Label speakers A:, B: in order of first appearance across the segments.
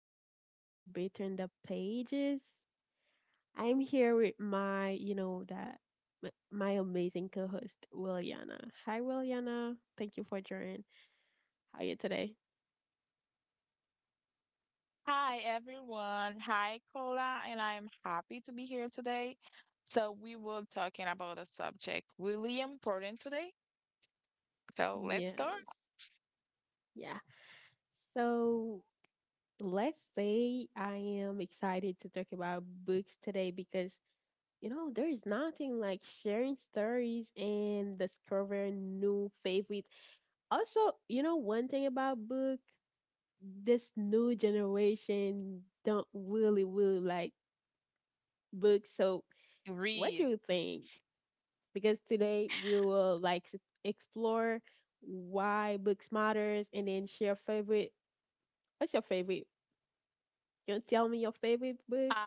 A: back to Between the Pages. I'm here with my, you know, that my amazing co-host, Williana. Hi, Williana. Thank you for joining. How are you today?
B: Hi, everyone. Hi, Kola, and I am happy to be here today. So we will talking about a subject really important today. So let's start.
A: Yes. Yeah. So let's say I am excited to talk about books today because, there is nothing like sharing stories and discovering new favorite. Also, one thing about book. This new generation don't really like books. So what do
B: Read.
A: you think? Because today we will like explore why books matters and then share favorite. What's your favorite? You tell me your favorite books.
B: Uh,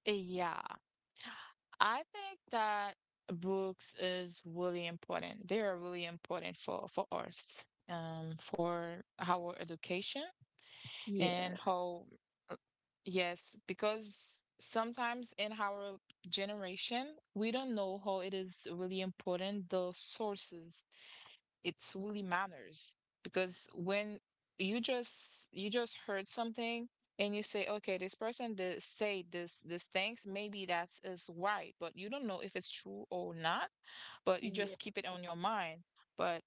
B: yeah. I think that books is really important. They are really important for us, for our education
A: Yeah,
B: and how uh, yes because sometimes in our generation we don't know how it is really important the sources, it's really matters because when you just heard something and you say okay, this person did say this things, maybe that's is right but you don't know if it's true or not, but you
A: yeah,
B: just keep it on your mind. But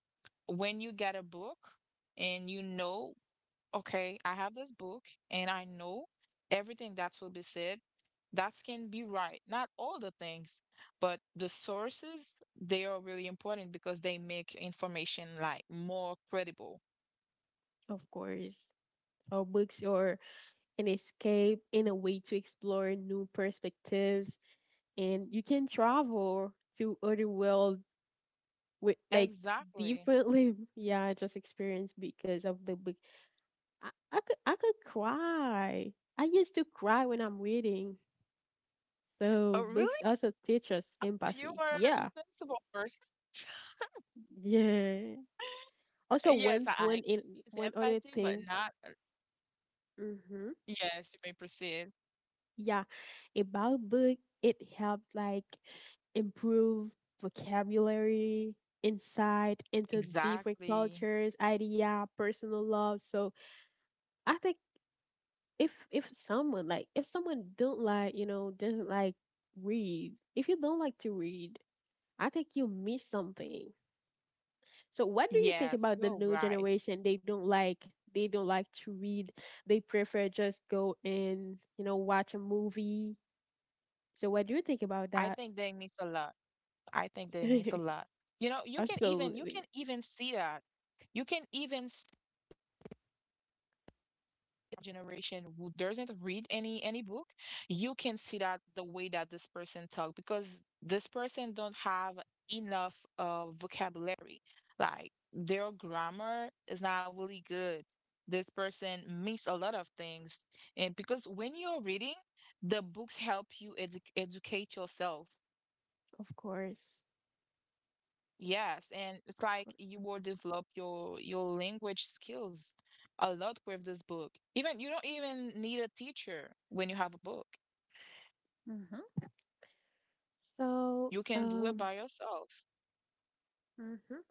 B: when you get a book and you know, okay, I have this book and I know everything that will be said. That can be right. Not all the things, but the sources, they are really important because they make information like more credible.
A: of course. Our books are an escape and a way to explore new perspectives, and you can travel to other world with like
B: Exactly.
A: deeply yeah, I just experienced because of the book. I could I could cry. I used to cry when I'm reading,
B: Oh,
A: so books
B: really?
A: also teach us
B: You
A: empathy.
B: are a
A: Yeah,
B: sensible person.
A: yeah. Also
B: Yes, I get this
A: one other
B: empathy, but
A: thing.
B: not.
A: Mm-hmm.
B: Yes, you may proceed.
A: Yeah, about book, it helps like improve vocabulary, insight into different
B: Exactly.
A: cultures, idea, personal love. So I think if someone like if someone don't like you know doesn't like read, if you don't like to read, I think you miss something. So what do you think
B: Yes,
A: about the
B: you're
A: new
B: right.
A: generation? They don't like to read. They prefer just go and, watch a movie. So what do you think about
B: I
A: that?
B: think they miss a lot. I think that it means a lot. You know, you can even you can
A: Absolutely.
B: even see that. You can even see a generation who doesn't read any book. You can see that the way that this person talk because this person don't have enough vocabulary. Like their grammar is not really good. This person miss a lot of things. And because when you're reading, the books help you educate yourself.
A: Of course.
B: Yes, and it's
A: Of
B: like
A: course.
B: you will develop your language skills a lot with this book. Even you don't even need a teacher when you have a book.
A: Mm-hmm. so
B: You can do it
A: um
B: by yourself.
A: mhm.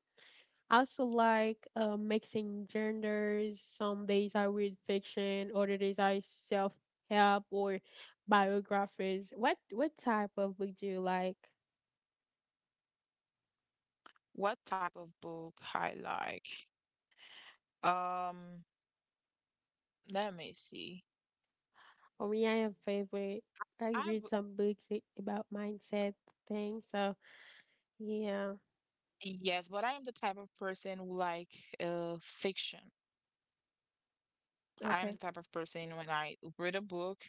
A: I also like mixing genders. Some days I read fiction, other days I self help or biographies. What type of book do you like?
B: What type of book I like? Um, Let me see.
A: For me, I have favorite.
B: I
A: I read some books about mindset things. So yeah,
B: yes, but I am the type of person who like fiction. I'm
A: okay,
B: the type of person when I read a book,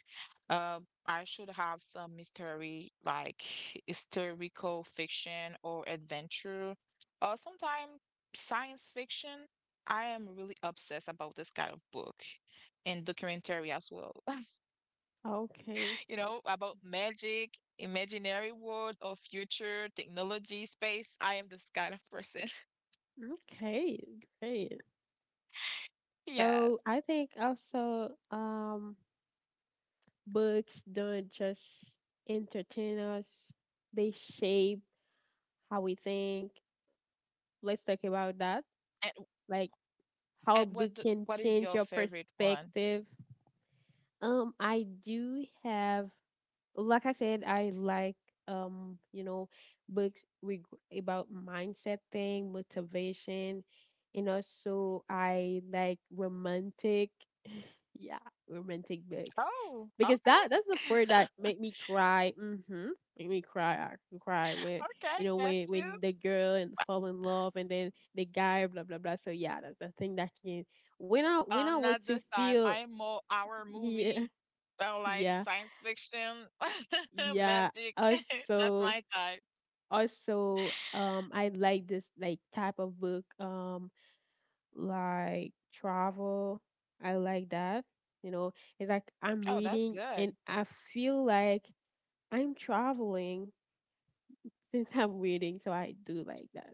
B: uh, I should have some mystery, like historical fiction or adventure, or sometimes science fiction. I am really obsessed about this kind of book and documentary as well.
A: okay,
B: You know, about magic, imaginary world, or future technology, space. I am this kind of person.
A: okay, great.
B: Yes.
A: So I think also, books don't just entertain us; they shape how we think. Let's talk about that.
B: And,
A: Like how
B: and
A: book
B: what
A: can
B: what is
A: change your
B: your favorite one?
A: perspective. I do have, like I said, I like, um, you know, books about mindset thing, motivation, and also I like romantic, yeah, romantic books.
B: Oh,
A: Because that's the
B: okay.
A: part that made me cry. Mm-hmm. Make me cry. I could cry when, you
B: Okay,
A: know,
B: get
A: when
B: you.
A: the girl and fall in love and then the guy blah blah blah. So yeah, that's the thing that can. When I want
B: Not
A: to
B: this time.
A: feel.
B: I am more our
A: Yeah.
B: movie than like
A: Yeah,
B: science fiction,
A: yeah.
B: magic. That's
A: Also
B: my type.
A: also, I like this like type of book, like travel. I like that. You know, it's like I'm
B: Oh, that's
A: reading
B: good.
A: and I feel like I'm traveling since I'm reading, so I do like that.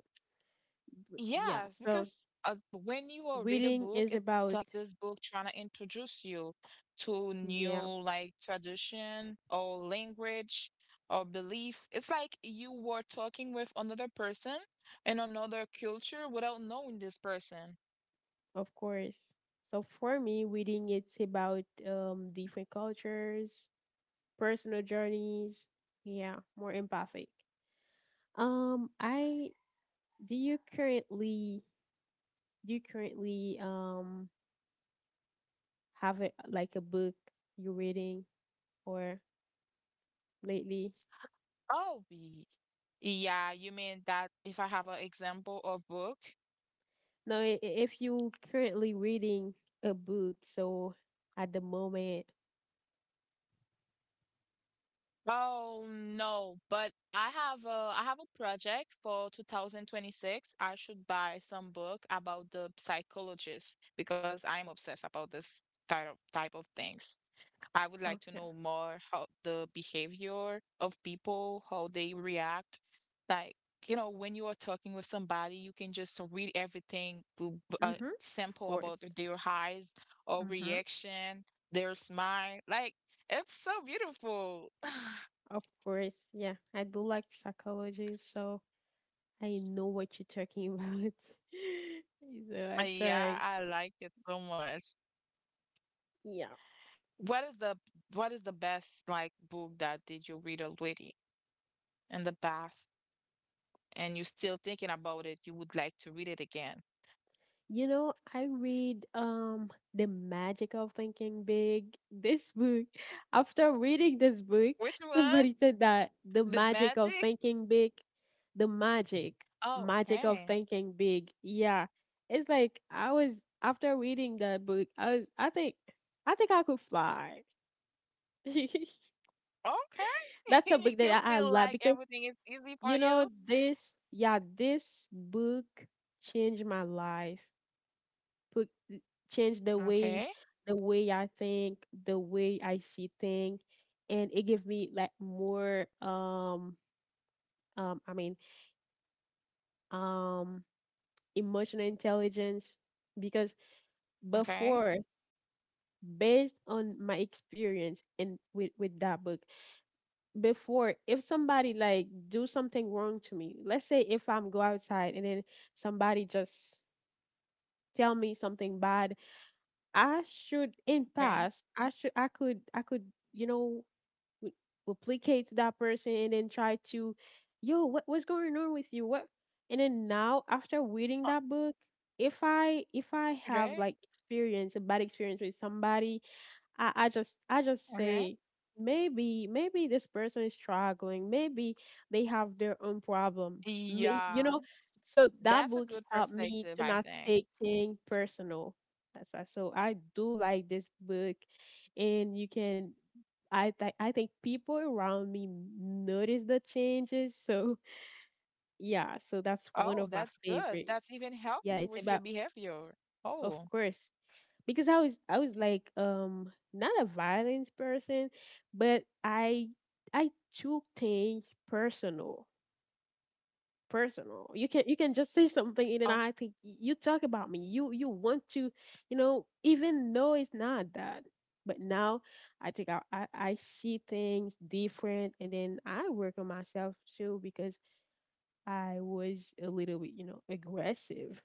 A: Yeah,
B: Yes,
A: so
B: because when you will read a
A: reading
B: book,
A: is
B: it's
A: about,
B: like this book trying to introduce you to new
A: yeah,
B: like tradition or language or belief. It's like you were talking with another person in another culture without knowing this person.
A: of course. So for me, reading it's about, different cultures, personal journeys, yeah, more empathic. I Do you currently do you currently um have a, like a book you're reading or lately?
B: Oh, yeah, you mean that if I have an example of book?
A: No, if you currently reading a book, so at the moment,
B: Oh no, but I have a project for 2026. I should buy some book about the psychologist because I'm obsessed about this type of things. I would like to
A: okay.
B: know more how the behavior of people, how they react. Like, you know, when you are talking with somebody, you can just read everything,
A: Mhm. Of
B: sample about
A: course.
B: their eyes or
A: Mm-hmm.
B: reaction, their smile. Like, it's so beautiful.
A: Of course. Yeah, I do like psychology, so I know what you're talking about. So I
B: Yeah,
A: try.
B: I like it so much.
A: Yeah.
B: What is the what is the best like book that did you read already in the past and you're still thinking about it, you would like to read it again?
A: You know, I read, The Magic of Thinking Big, this book. After reading this book,
B: Which one?
A: somebody said that the
B: The
A: magic of
B: magic?
A: thinking big, the magic,
B: Oh,
A: magic of
B: okay.
A: thinking big. Yeah. It's like I was after reading that book, I was I think I could fly.
B: Okay.
A: That's a book
B: You
A: that I
B: feel
A: love
B: like
A: because
B: everything is easy
A: you
B: for
A: know
B: you?
A: this, yeah, this book changed my life. Change
B: Okay.
A: the way I think, the way I see things, and it give me like more I mean um emotional intelligence because
B: Okay.
A: before, based on my experience and with that book, before if somebody like do something wrong to me, let's say if I'm go outside and then somebody just tell me something bad, I should in
B: Okay.
A: past I could I could you know, w- replicate that person and then try to, yo what, what's going on with you what. And then now after reading
B: uh,
A: that book, if I have
B: Okay.
A: like experience a bad experience with somebody, I just I just
B: Okay.
A: say maybe, maybe this person is struggling. Maybe they have their own problem. May, you
B: Yeah.
A: know, so that
B: That's a
A: book
B: good
A: helped me
B: perspective,
A: to
B: I
A: not
B: think.
A: take things personal. That's why. So I do like this book, and you can. I think people around me notice the changes. So yeah, so that's one
B: Oh,
A: of my
B: that's good.
A: favorite.
B: That's even help
A: Yeah,
B: you
A: it's
B: with your
A: about
B: behavior.
A: of
B: Oh.
A: course because I was like, not a violent person, but I took things personal. Personal. You can just say something and then
B: Oh,
A: I think you talk about me. You want to, you know, even though it's not that. But now I think I see things different and then I work on myself too because I was a little bit, you know, aggressive.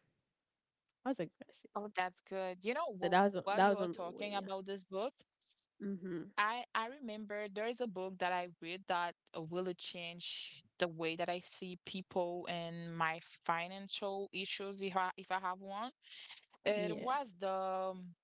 A: I was aggressive.
B: oh, that's good. You know,
A: So
B: while
A: that
B: you
A: was
B: are
A: that was
B: talking
A: on my
B: about
A: way,
B: this
A: yeah.
B: book, I remember there is a book that I read that really changed the way that I see people and my financial issues if I have one. It
A: Mhm.
B: was the um,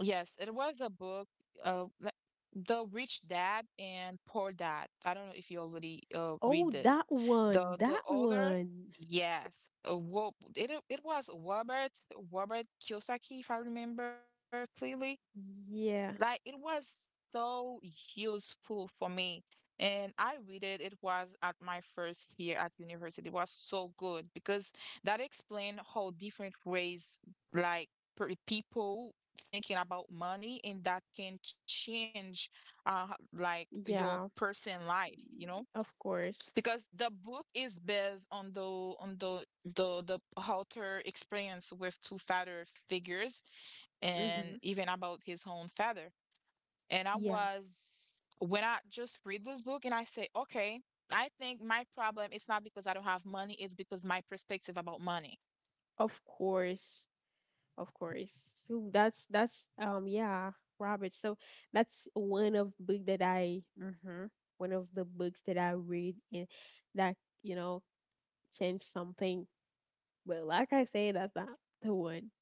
B: yes, it was a book like The Rich Dad and Poor Dad. I don't know if you already
A: Oh,
B: read it.
A: that one.
B: The
A: That
B: author,
A: one.
B: yes, well, it was Robert Kiyosaki if I remember clearly. Like it
A: Yeah,
B: was so useful for me. And I read it, it was at my first year at university. It was so good because that explained how different ways like people thinking about money and that can change uh like your
A: yeah,
B: person life, you know?
A: of course.
B: Because the book is based on the author experience with two father figures and
A: Mm-hmm.
B: even about his own father. And I
A: Yeah,
B: was, when I just read this book and I say, okay, I think my problem is not because I don't have money, it's because my perspective about money.
A: of course, of course. So that's, yeah, Robert. So that's one of book that I mm-hmm, one of the books that I read and that, you know, changed something. But like I say, that's not the one.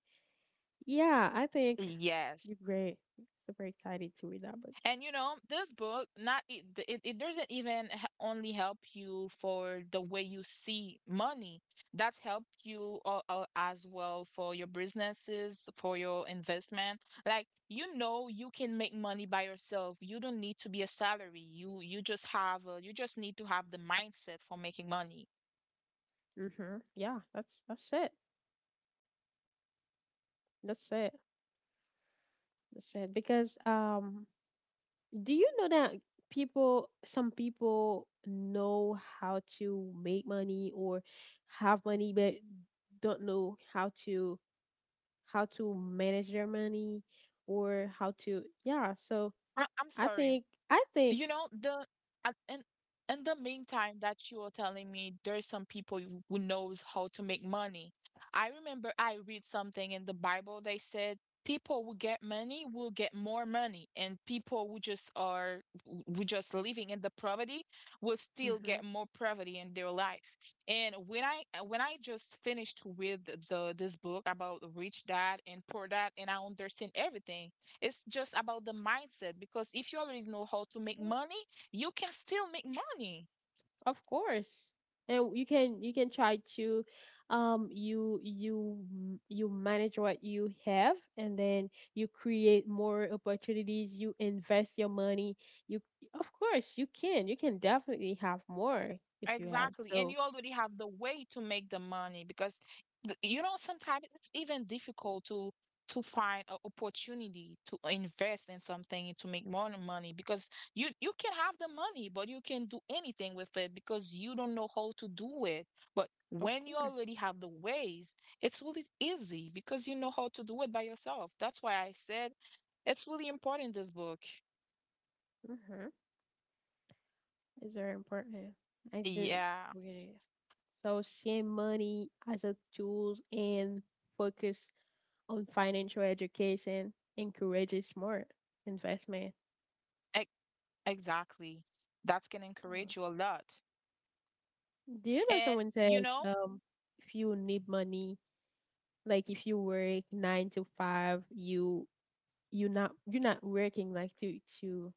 A: Yeah, I think
B: Yes.
A: you're great. Super excited to read that book.
B: And you know, this book not it, it, it doesn't even only help you for the way you see money. That's help you as well for your businesses, for your investment. Like you know, you can make money by yourself. You don't need to be a salary. You just have you just need to have the mindset for making money.
A: Mm-hmm. Yeah, that's it. That's it. That's it. Because, do you know that people, some people know how to make money or have money, but don't know how to manage their money or how to, yeah. So
B: I'm sorry.
A: I
B: You
A: think.
B: know the at, and in the meantime that you are telling me there's some people who knows how to make money. I remember I read something in the Bible, they said people who get money will get more money and people who just are who just living in the poverty will still
A: Mm-hmm,
B: get more poverty in their life. And when I just finished with the this book about Rich Dad and Poor Dad and I understand everything, it's just about the mindset because if you already know how to make money, you can still make money.
A: of course. And you can try to, you you manage what you have and then you create more opportunities, you invest your money. You Of course you can. You can definitely have more if you have.
B: Exactly. And
A: So,
B: you already have the way to make the money because you know sometimes it's even difficult to find an opportunity to invest in something to make more money because you can have the money but you can do anything with it because you don't know how to do it. But
A: of
B: when you
A: course.
B: already have the ways, it's really easy because you know how to do it by yourself. That's why I said it's really important, this book.
A: Mhm. It's very important. I do
B: Yeah,
A: really. So, seeing money as a tool and focus on financial education encourages smart investment.
B: e- exactly. That can encourage you a lot.
A: Do you know
B: And
A: someone
B: you
A: said,
B: know,
A: if you need money, like if you work nine to five, you not, you're not working like to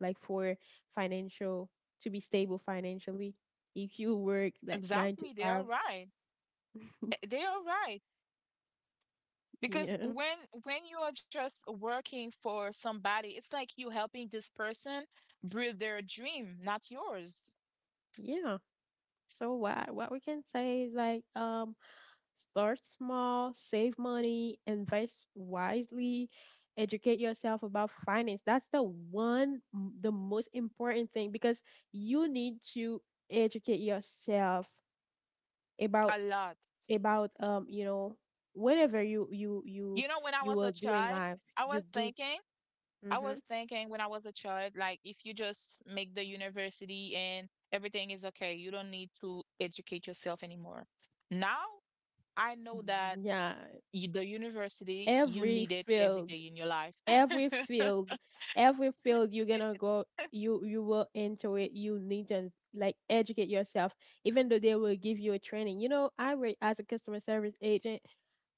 A: like for financial, to be stable financially. If you work like nine to
B: exactly, they are
A: five,
B: right. Eh, they are right. Because
A: yeah,
B: when you are just working for somebody, it's like you helping this person build their dream, not yours.
A: yeah. So what we can say is like, start small, save money, invest wisely, educate yourself about finance. That's the one, the most important thing because you need to educate yourself about
B: A lot.
A: you know whatever you
B: You know, when I
A: you
B: was a
A: will do in
B: child,
A: life.
B: I
A: You
B: was
A: do,
B: thinking I was
A: hmm,
B: thinking when I was a child, like if you just make the university and everything is okay, you don't need to educate yourself anymore. Now I know that
A: yeah,
B: you, the university, you
A: every
B: need it every
A: field
B: day in your life.
A: every field
B: You
A: every field you're
B: need
A: gonna
B: it.
A: go, you will enter it, you need to like educate yourself, even though they will give you a training. You know, I work as a customer service agent.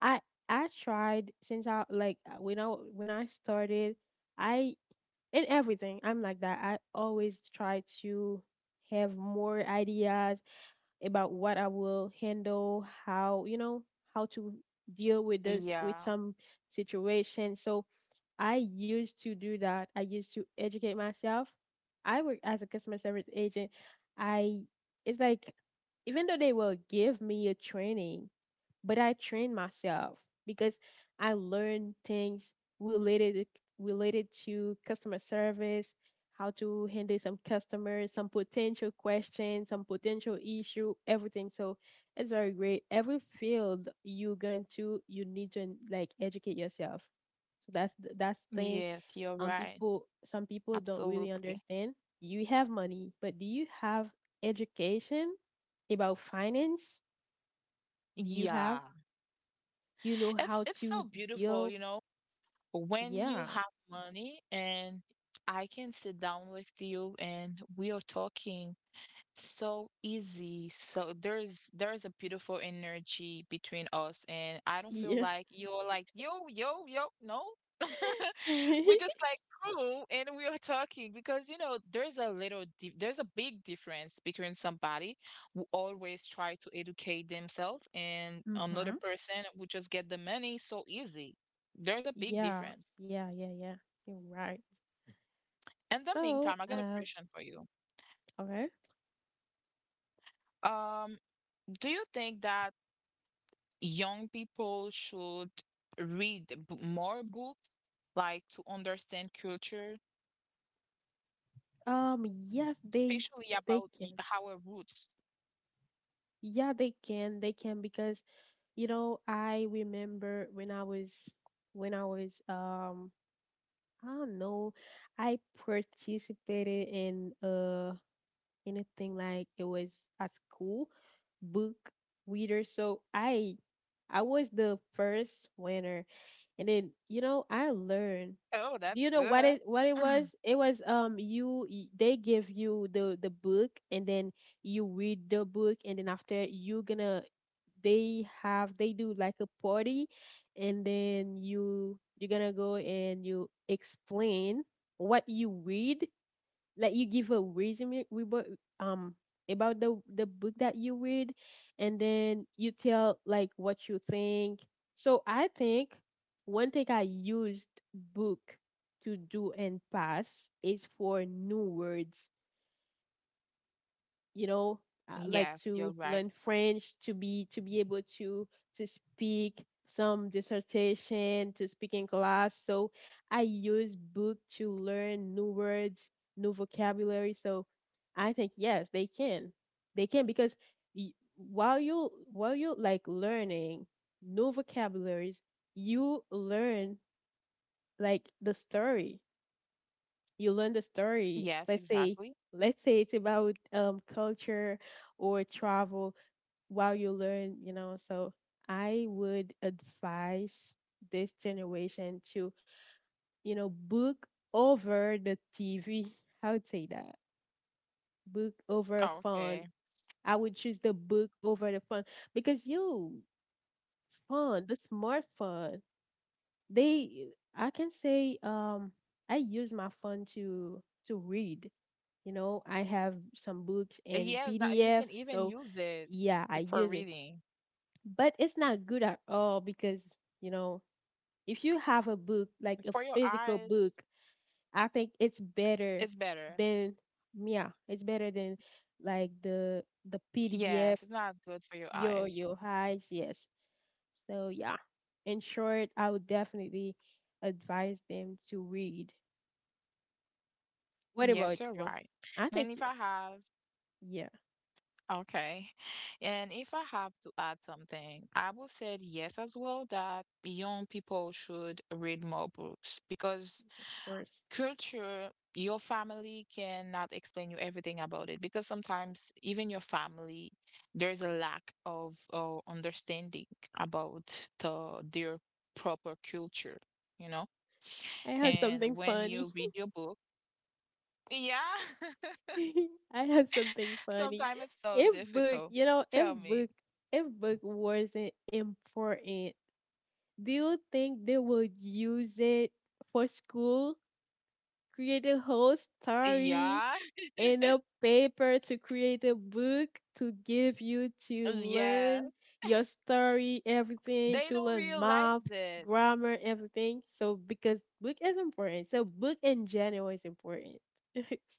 A: i I tried since I like, when I started I in everything. I'm like that, I always try to have more ideas about what I will handle, how, you know, how to deal with this, with
B: Yeah.
A: some situation. So I used to do that. I used to educate myself. I work as a customer service agent. I It's like even though they will give me a training, but I trained myself because I learned things related related to customer service, how to handle some customers, some potential questions, some potential issue, everything. So it's very great. Every field you go into, you need to like educate yourself. So that's thing.
B: Yes, you're right.
A: People, some people don't really
B: Absolutely.
A: understand. You have money, but do you have education about finance? Do you have,
B: Yeah.
A: do you know how
B: It's
A: to
B: so
A: deal.
B: beautiful, you know, when you
A: Yeah,
B: have money and I can sit down with you and we are talking so easy. So there's a beautiful energy between us, and I don't feel
A: yeah.
B: like you're like yo yo yo no. We're just like cool, and we are talking because you know there's there's a big difference between somebody who always try to educate themselves and another
A: Mm-hmm.
B: person who just get the money so easy. There's a big
A: Yeah,
B: difference.
A: yeah, yeah, yeah, you're right.
B: In the
A: so
B: meantime, I got a
A: um
B: question for you.
A: okay.
B: Um, do you think that young people should read more books, like to understand culture,
A: Yes,
B: especially
A: they
B: about
A: can
B: our roots.
A: yeah, they can, because you know I remember when I was, when I was, I don't know, I participated in, anything like, it was at school, book reader. So I was the first winner. And then, you know, I learned.
B: Oh, that's
A: Do you know what
B: good.
A: it was? It was you they give you the book, and then you read the book, and then after you gonna they do like a party, and then you're gonna go and you explain what you read, like you give a resume um about the book that you read, and then you tell like what you think. So I think one thing I used book to do and pass is for new words, you know,
B: Yes,
A: like
B: you're
A: to
B: right.
A: learn French to be able to speak some dissertation, to speak in class. So I use book to learn new words, new vocabulary. So I think yes, they can, they can, because y- while you like learning new vocabularies, you learn like the story. You learn the
B: Yes,
A: story. Let's
B: exactly.
A: say, let's say it's about culture or travel, while you learn, you know. So I would advise this generation to, you know, book over the TV. I would say that book over phone.
B: Okay.
A: I would choose the book over the phone, because you phone, the smartphone, they I can say, I use my phone to read. You know, I have some books in
B: Yes, that you
A: PDF,
B: can even
A: so
B: use it
A: yeah, I
B: for
A: use it.
B: reading.
A: But it's not good at all because, you know, if you have a book, like a
B: For your
A: physical book,
B: eyes,
A: I think it's better
B: it's better.
A: than, yeah, it's better than like the PDF,
B: Yes, it's not good for your
A: your
B: eyes.
A: highs, yes. So yeah. In short, I would definitely advise them to read. What about
B: Yes, you're
A: you?
B: right.
A: I think
B: And if
A: you
B: I have
A: Yeah, of
B: Okay. And if I have to add something, I will say yes as well that young people should read more books because
A: course.
B: culture, your family cannot explain you everything about it because sometimes even your family, there's a lack of understanding about the their proper culture, you know?
A: I have
B: And
A: something
B: when you
A: funny.
B: read your book, yeah,
A: I have something funny.
B: sometimes it's so
A: If
B: difficult.
A: book, you know,
B: Tell
A: if
B: me.
A: book, if book wasn't important, do you think they would use it for school? Create a whole story
B: Yeah.
A: in a paper to create a book to give you to
B: Yeah.
A: learn your story, everything,
B: They
A: to
B: don't
A: learn math,
B: realize it.
A: grammar, everything. So because book is important. So book in general is important.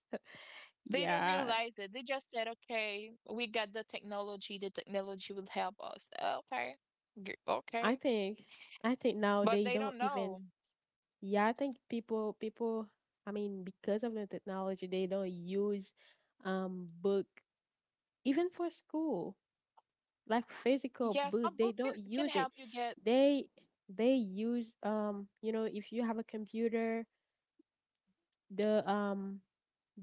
B: They don't
A: Yeah.
B: realize it. They just said, okay, we got the technology. The technology will help us. Okay.
A: I
B: Okay.
A: think I think now
B: But
A: they
B: they
A: don't
B: don't
A: even,
B: know.
A: yeah, I think people, I mean, because of the technology, they don't use book even for school, like physical
B: Yes, a
A: book,
B: book
A: they don't
B: can
A: use
B: help
A: it.
B: you get.
A: They use, you know, if you have a computer, the um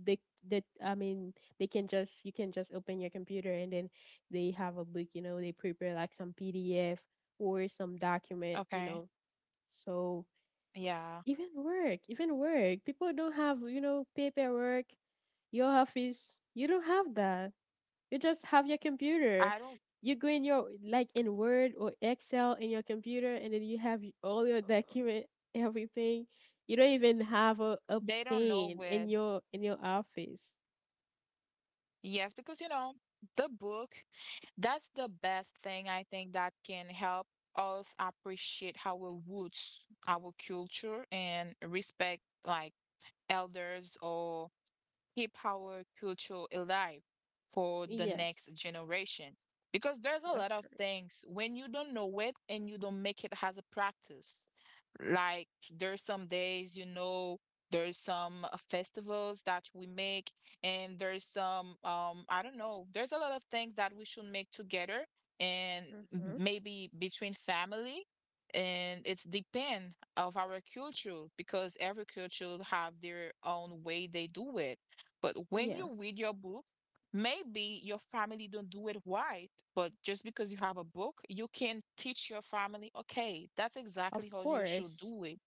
A: the the I mean, they can just, you can just open your computer, and then they have a book, you know, they prepare like some PDF or some document, you
B: Okay.
A: know. So
B: Yeah.
A: even work, even work, people don't have, you know, paperwork, your office. You don't have that. You just have your computer.
B: I don't,
A: You go in your, like in Word or Excel in your computer, and then you have all your document, everything. You don't even have a
B: they don't know
A: pen
B: where.
A: in your office.
B: Yes, because, you know, the book, that's the best thing I think that can help us appreciate our roots, our culture, and respect like elders or keep our culture alive for the next
A: Yes,
B: generation. Because there's a
A: that's
B: lot of
A: correct.
B: things when you don't know it and you don't make it as a practice. Like there's some days, there's some festivals that we make, and there's some I don't know, there's a lot of things that we should make together and
A: Mm-hmm.
B: maybe between family, and it's depend of our culture because every culture have their own way they do it. But when
A: Yeah,
B: you read your book, maybe your family don't do it right, but just because you have a book, you can teach your family, okay, that's
A: of
B: exactly how you should
A: course,
B: do it.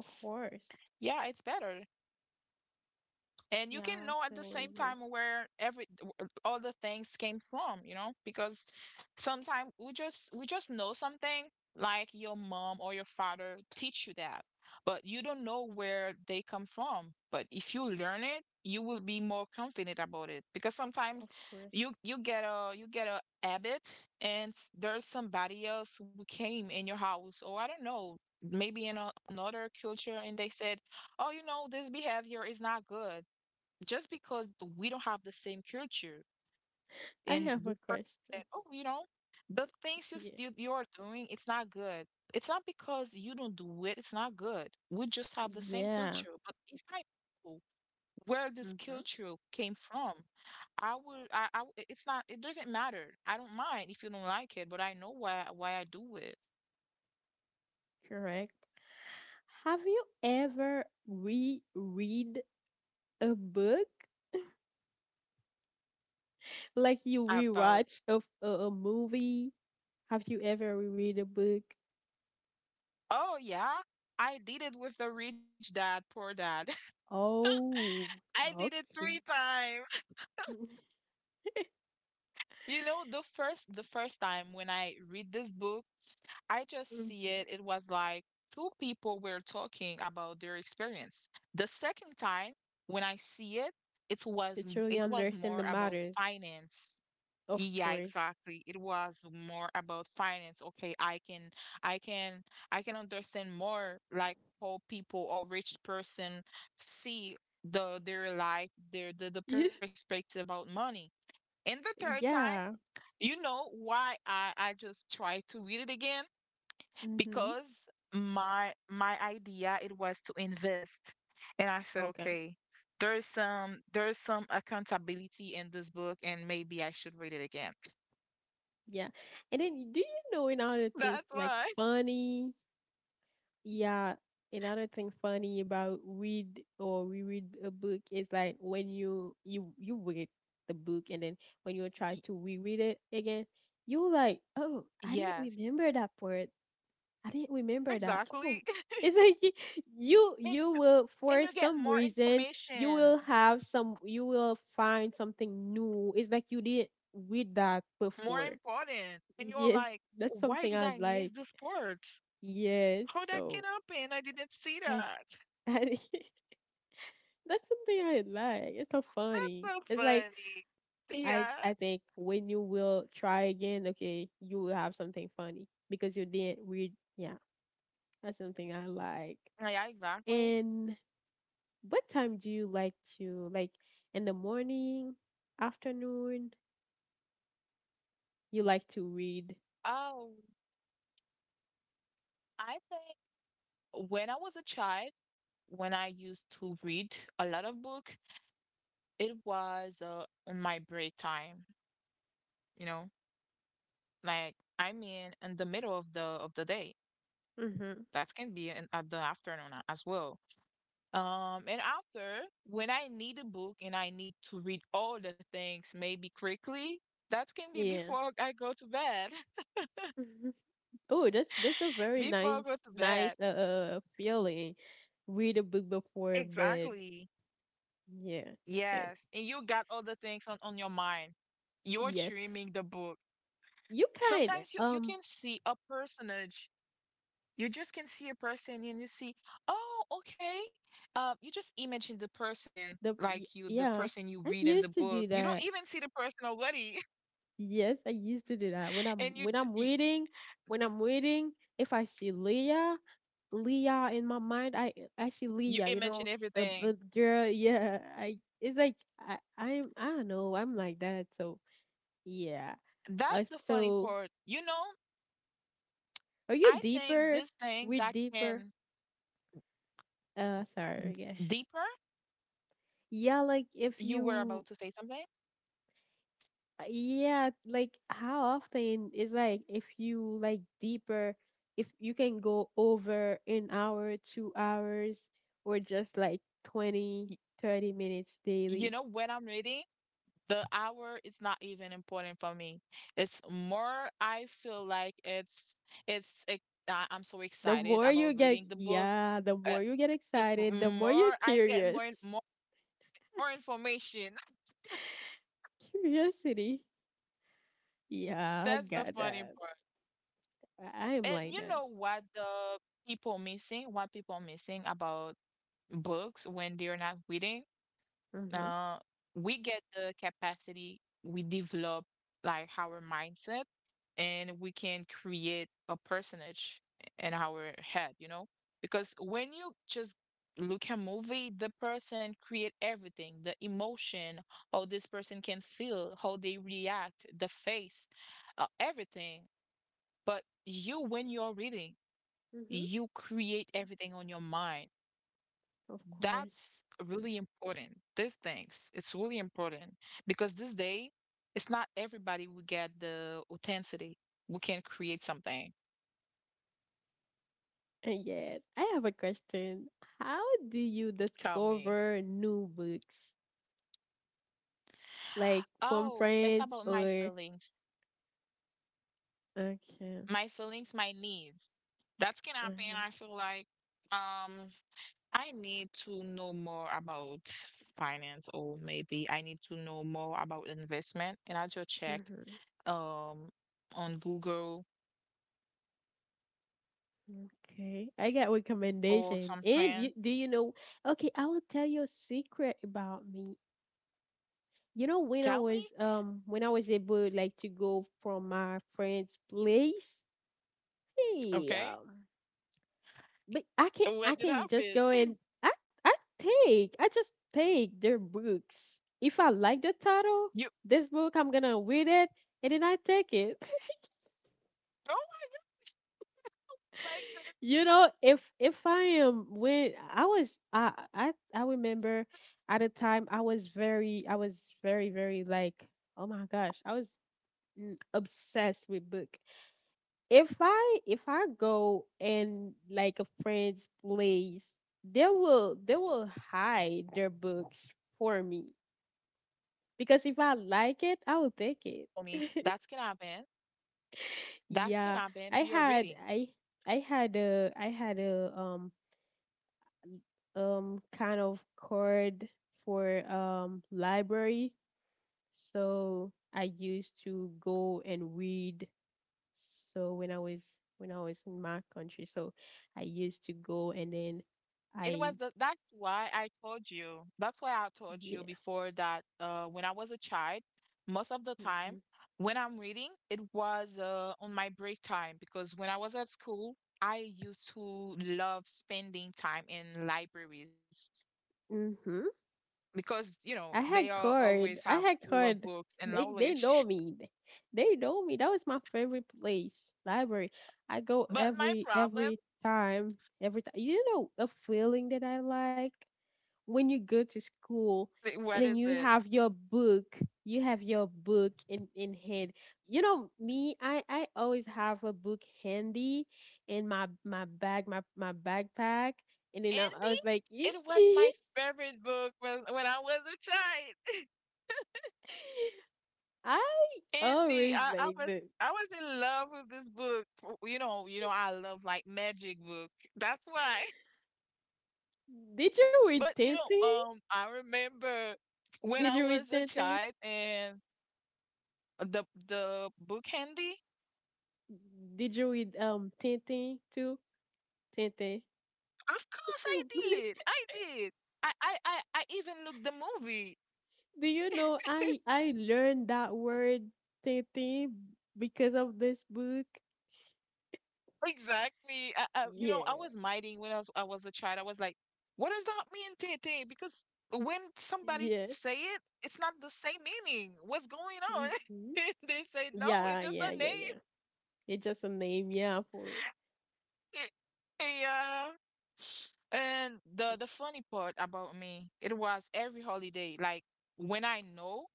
A: of course.
B: Yeah, it's better, and you
A: Yeah,
B: can
A: I
B: know at the
A: totally
B: same
A: agree.
B: time where every all the things came from. Because sometimes we just know something, like your mom or your father teach you that, but you don't know where they come from. But if you learn it, you will be more confident about it, because sometimes
A: Of course.
B: you get a habit, and there's somebody else who came in your house, or I don't know, maybe in a, another culture, and they said, oh, this behavior is not good, just because we don't have the same culture.
A: I
B: And
A: have
B: we
A: a
B: first said,
A: question.
B: oh, the things you,
A: Yeah.
B: you are doing, it's not good. It's not because you don't do it, it's not good. We just have the same
A: Yeah.
B: culture. But if I know where this
A: Mm-hmm.
B: culture came from, I it's not, it doesn't matter. I don't mind if you don't like it, but I know why I do it.
A: Correct. Have you ever reread a book? Like you
B: About
A: rewatch a movie? Have you ever reread a book?
B: oh yeah, I did it with the Rich Dad, Poor Dad.
A: Oh,
B: I did it three
A: okay.
B: times. You know, the first time when I read this book, I just see
A: Mhm.
B: it. It was like two people were talking about their experience. The second time when I see it, it
A: You
B: was
A: truly
B: it was
A: understand the
B: more about
A: matters,
B: finance.
A: of
B: Yeah,
A: course.
B: exactly. It was more about finance. Okay, I can I can understand more like how people or rich person see the their life, their the
A: Yeah.
B: perspective about money. And the third time,
A: Yeah.
B: you know why I just tried to read it again?
A: Mm-hmm.
B: Because my idea it was to invest. And I said,
A: Okay.
B: okay, there's some accountability in this book, and maybe I should read it again.
A: Yeah. And then do you know another thing
B: That's
A: like
B: why.
A: funny? Yeah, another thing funny about read or reread a book is like when you you read the book, and then when you try
B: Y-
A: to reread it again, you like, oh, I didn't
B: Yes,
A: remember that part, I didn't remember that.
B: exactly.
A: Oh, it's like you
B: And
A: will,
B: and
A: for
B: you get
A: some
B: more
A: reason, you
B: information,
A: will have some, you will find something new, it's like you didn't read that
B: more
A: before.
B: important. And you're
A: Yes,
B: like,
A: that's
B: why
A: something
B: did
A: I
B: I miss
A: like.
B: this part?
A: Yes,
B: How that can
A: so
B: happen? I didn't see
A: I,
B: that.
A: I, that's something I like. It's so funny.
B: So
A: It's like
B: funny. Yeah.
A: I think when you will try again, okay, you will have something funny because you didn't read. Yeah, that's something I like.
B: Yeah, exactly.
A: And what time do you like to, like, in the morning, afternoon, you like to read?
B: Um, I think when I was a child, when I used to read a lot of book, it was on my break time, you know, like I mean in the middle of the day.
A: Mm-hmm.
B: That can be in at the afternoon as well. And after, when I need a book and I need to read all the things maybe quickly, that can be
A: Yeah.
B: before I go to bed.
A: Oh, that's a very
B: Before I
A: nice
B: go to bed.
A: feeling. Read a book before bed.
B: Exactly.
A: Yeah.
B: Yes. And you got other things on your mind. You're
A: Yeah.
B: dreaming the book.
A: You can.
B: Sometimes you can see a personage. You just can see a person and you see, oh, okay. You just imagine the person
A: The
B: like you, the
A: yeah,
B: person you
A: I
B: read in the
A: used to
B: book.
A: do
B: You don't
A: that.
B: even see the person already
A: Yes, I used to do that when I'm
B: and you d-
A: waiting. When I'm waiting, if I see Leah, Leah in my mind, I see
B: you
A: Leah. You
B: imagine
A: know,
B: everything.
A: a girl. Yeah, I. It's like I don't know, I'm like that. So yeah. Uh,
B: That's the funny
A: so
B: part. You know,
A: are you
B: I think
A: deeper?
B: this thing
A: We
B: that
A: deeper.
B: can
A: Sorry. Yeah.
B: deeper,
A: Yeah, like if
B: you were
A: you
B: about to say something.
A: Yeah, like how often is, like, if you like deeper, if you can go over an hour, 2 hours, or just like 20,
B: Y-
A: 30 minutes
B: You
A: daily.
B: know, when I'm reading, the hour is not even important for me. I feel like it's I'm so
A: The
B: excited
A: more you
B: about
A: get,
B: reading the book.
A: yeah, the
B: Uh,
A: more you get
B: m-
A: excited, the more you're
B: More I get
A: curious.
B: more information.
A: Curiosity. Yeah, I
B: That's the
A: got
B: funny
A: that.
B: part.
A: I am
B: And
A: like
B: you
A: that.
B: know what the people missing, what people missing about books when they're not reading?
A: Mm-hmm.
B: uh, we get the capacity, we develop like our mindset, and we can create a personage in our head, you know? Because when you just look at movie, the person create everything, the emotion, how this person can feel, how they react, the face, everything. But you, when you're reading,
A: Mm-hmm.
B: you create everything on your mind.
A: Of course.
B: That's really important. These things, it's really important because this day, it's not everybody will get the authenticity. We can create something.
A: And yes, I have a question. How do you
B: Tell me.
A: discover new books? Like from
B: Oh, it's
A: friends
B: about my
A: or,
B: feelings,
A: okay,
B: my feelings, my needs. That's can happen.
A: okay.
B: I feel like um I need to know more about finance, or maybe I need to know more about investment, and I just check
A: Mhm.
B: um on Google
A: Okay, I got
B: or
A: recommendation.
B: some
A: And you,
B: friend.
A: do you know? Okay, I will tell you a secret about me. You know
B: Tell me,
A: when I was able, like, to go from my friend's place. Hey,
B: okay,
A: but I can, I
B: what did
A: can just
B: happen?
A: go and I take, I just take their books. If I like the title,
B: You
A: this book I'm gonna read it, and then I take it.
B: no one like that.
A: You know, if I am when I was, I remember, at a time I was very, I was very very like, oh my gosh, I was, obsessed with book. If I, go and like a friend's place, they will hide their books
B: I can
A: for
B: say
A: me,
B: it was the same for me,
A: because if
B: especially
A: I
B: when I
A: like
B: was
A: it,
B: at
A: I will
B: school.
A: take
B: You
A: it.
B: know, that's can happen. That's can
A: Yeah,
B: happen.
A: I
B: We are
A: had,
B: reading.
A: I had a, I had a kind of card for library, so I used to go and read, so when I was, when I was in my country. So I used to go and then
B: It
A: I,
B: was the. That's why I told you. That's why I told you
A: yeah,
B: before that. When I was a child, most of the time
A: mhm,
B: when I'm reading, it was on my break time because when I was at school, I used to love spending time in libraries.
A: mhm.
B: Because you know
A: I
B: they
A: had
B: are always
A: card, I
B: have
A: had
B: full of
A: card,
B: books and
A: they
B: knowledge.
A: know me, they know me, that was my favorite place, library. I go
B: But my problem
A: every time, every time, you know, a feeling that I like, when you go to school
B: what
A: and then
B: is
A: you
B: it,
A: have your book, you have your book in hand, you know me, I always have a book handy in my, bag, my, backpack, and then I
B: Indie?
A: was like,
B: It was my favorite book when I was a child.
A: I
B: indie
A: always
B: I, I
A: like
B: was,
A: the,
B: I was in love with this book. You know, you know I love like magic book. That's why.
A: did you read
B: But you know
A: Tintin?
B: I remember when
A: Did
B: I
A: you read
B: was a
A: Tintin?
B: child and the book handy.
A: Did you read Tintin too, Tintin?
B: Of course I did. I did. I even looked the movie.
A: Do you know I learned that word, Tete, because of this book?
B: Exactly. You know, I
A: Yeah.
B: was minding when I was a child. I was like, what does that mean, Tete? Because when somebody
A: Yeah.
B: say it, it's not the same meaning. What's going on?
A: Hmm.
B: They say no, it's
A: Yeah,
B: just a
A: yeah, yeah,
B: name.
A: yeah. It's just a name, yeah, for it.
B: Yeah. And
A: It's
B: the funny part about me, it was every holiday, like when I know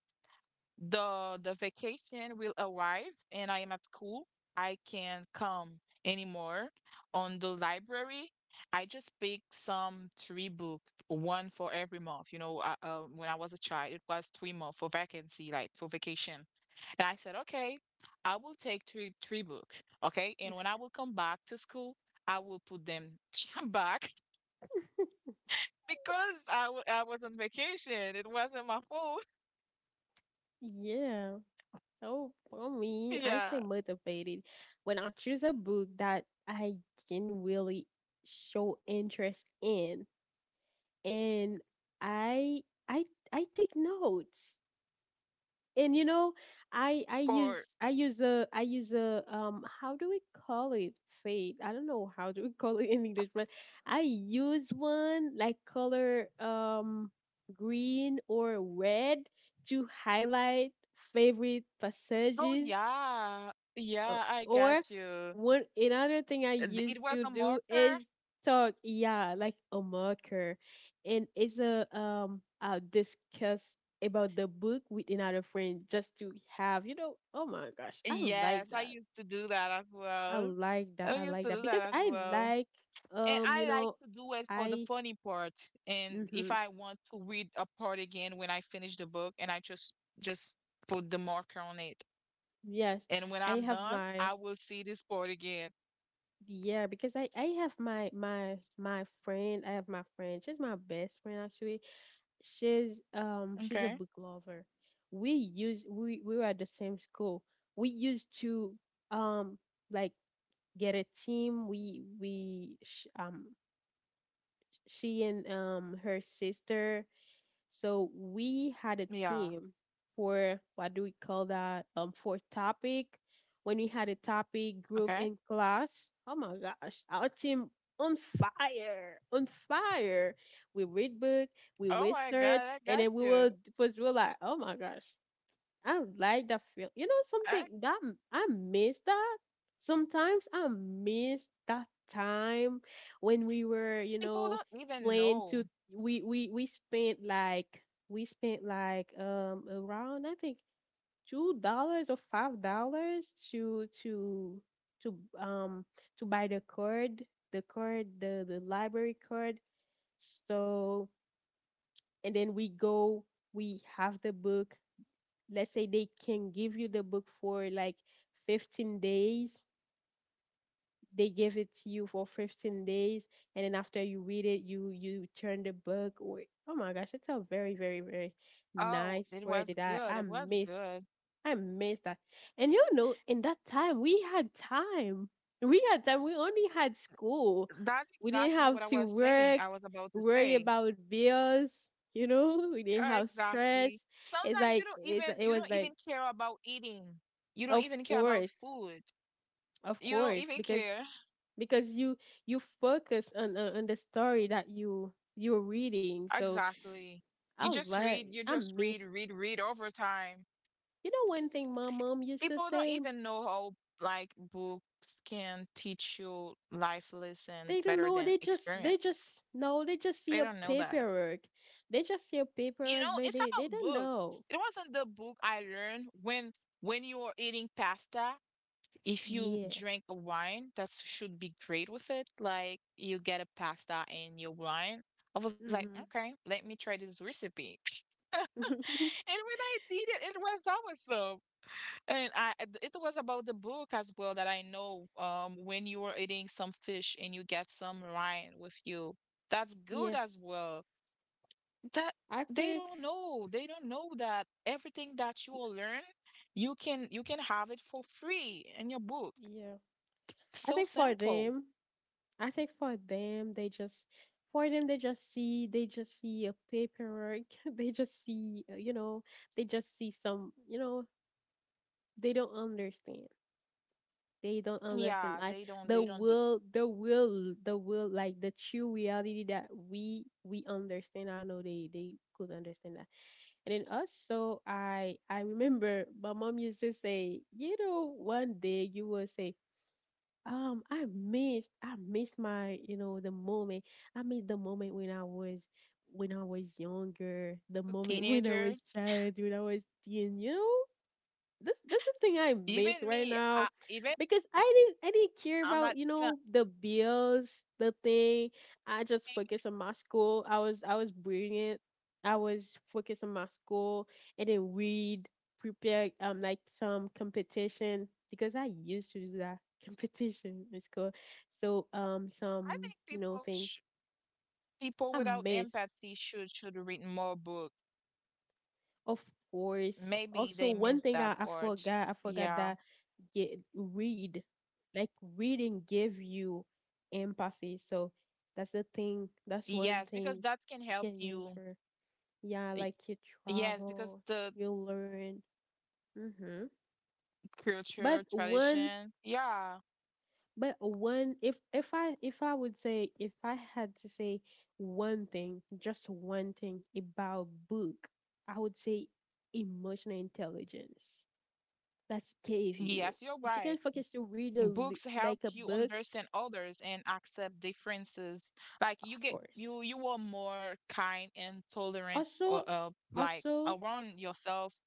B: the vacation will arrive and I am at school, I can't come anymore. On the library, I just pick some three book, one for every month. You know, when I was a child, it was 3 months for vacancy, like for vacation. And I said, okay, I will take three book, okay? And when I will come back to school, I will put them back because I was on vacation. It wasn't my fault.
A: yeah. So for me, I stay
B: Yeah.
A: motivated when I choose a book that I can really show interest in, and I I I take notes. And you know, i
B: Or
A: use I use a how do we call it, fade, I don't know how do we call it in English, but I use one, like, color, green or red, to highlight favorite
B: oh
A: passages.
B: yeah,
A: uh,
B: yeah, I
A: Or
B: got you.
A: one another thing I used
B: It was
A: to
B: the
A: do
B: marker.
A: is yeah, like a marker, and it's a, I'll discuss about the book with another friend, just to have, you know. Oh my gosh, I
B: Yes,
A: like
B: I
A: that.
B: used to do that as
A: I
B: well.
A: like that.
B: I
A: I
B: used
A: like
B: to
A: that
B: do that
A: because
B: as
A: I
B: well.
A: like,
B: And
A: you
B: I like
A: know,
B: to do it for the
A: I
B: funny part. And if
A: mm-hmm,
B: I want to read a part again when I finish the book, and I just put the marker on it.
A: yes,
B: And when
A: I
B: I'm
A: have
B: done,
A: my,
B: I will see this part again.
A: yeah, because I have my friend, I have my friend, she's my best friend actually, she's a
B: Okay.
A: book lover. We use, we were at the same school. We used to, um like get a team. We she and her sister, so we had a
B: Yeah.
A: team for, what do we call that? For topic. When we had a topic group
B: Okay.
A: in class, oh my gosh, our team on fire, on fire. We read book, we
B: Oh my
A: research,
B: God, I
A: and
B: got
A: then we
B: you.
A: will first we were like, oh my gosh, I like that feel. You know
B: I,
A: something that I miss that. Sometimes I miss that time when we were, you
B: people
A: know,
B: don't even
A: playing to,
B: know.
A: we spent like, around I think $2 or $5 to to um buy the card, the card, the library card. So and then we go, we have the book, let's say they can give you the book for like 15 days, they give it to you for 15 days, and then after you read it, you turn the book or, oh my gosh, it's a very very very
B: Oh,
A: nice
B: it was
A: word that
B: good. It
A: I
B: was
A: miss,
B: good.
A: I miss that. And you know, in that time we had time, we had time, we only had school,
B: That's
A: we didn't
B: exactly
A: have
B: what I
A: to
B: was saying.
A: work,
B: I was about to
A: worry
B: say.
A: about bills, you know, we didn't
B: Yeah,
A: have stress.
B: exactly. Sometimes you don't
A: It's,
B: even
A: it
B: you
A: was
B: don't
A: like,
B: even care about eating. You don't
A: of
B: even care about
A: course,
B: food.
A: of
B: You don't
A: course,
B: even
A: because
B: care.
A: you, you focus on on the story that you, you're reading. So
B: Exactly.
A: I like,
B: You
A: I
B: just read,
A: missed.
B: read, read over time.
A: You know one thing my mom used to
B: People don't
A: say.
B: even know how like books can teach you life lesson
A: They don't
B: better
A: know.
B: than
A: They just, they
B: experience.
A: just no. They just see
B: They
A: a
B: don't know that.
A: paperwork. They just see a
B: You
A: paperwork,
B: know,
A: but
B: it's
A: they,
B: about
A: don't
B: book.
A: know.
B: It wasn't the book I learned when you were eating pasta, if you
A: Yeah.
B: drink a wine, that should be great with it. Like you get a pasta and your wine. I was like,
A: Mhm.
B: okay, let me try this recipe. And when I did it, it was awesome. And I, it was about the book as well that I know. When you are eating some fish and you get some wine with you, that's good
A: Yeah.
B: as well. That
A: I think,
B: they don't know that everything that you will learn, you can have it for free in your book,
A: yeah. I
B: so
A: think for
B: simple.
A: them, I think for them, they just, for them they just see, they just see a paperwork. They just see you know, they just see some, you know, they don't understand. They don't understand
B: Yeah,
A: like
B: they don't
A: the
B: they don't do
A: will, like the true reality that we understand. I know they, could understand that. And then also I remember my mom used to say, you know, one day you will say, I miss, I miss my, you know, the moment. I miss the moment when I was younger, the
B: teenager.
A: moment when I was child, when I was teen, you know? This that's the thing I
B: Even me,
A: miss
B: I
A: right now,
B: even me,
A: because I didn't
B: I'm not
A: care about
B: gonna
A: the bills, the thing. I
B: think
A: just focused on my school. I was brilliant. I was focused on my school and then we'd prepare like some competition because I used to do that competition in school. So
B: I
A: some
B: think people
A: thing
B: sh people
A: I
B: without
A: miss,
B: empathy should read more books.
A: of course.
B: Maybe
A: Also
B: they
A: one
B: missed
A: thing
B: that
A: I
B: part.
A: forgot
B: Yeah.
A: that get read, like reading give you empathy, so that's the thing, that's one
B: Yes, because
A: thing
B: that can
A: you
B: help
A: can use
B: you.
A: for, yeah,
B: Y-
A: like you
B: Yes, because
A: travel,
B: the
A: you learn, mm-hmm. But
B: culture,
A: one
B: tradition. Yeah.
A: but one if I would say, if I had to say one thing, just one thing about book, I would say emotional intelligence, that's gave you.
B: Yes, you're
A: If you can
B: right.
A: focus to read a,
B: Books help
A: like a
B: you
A: book,
B: understand others and accept differences, like
A: of
B: you get
A: course.
B: you you are more kind and tolerant, or
A: also
B: like
A: also
B: around yourself.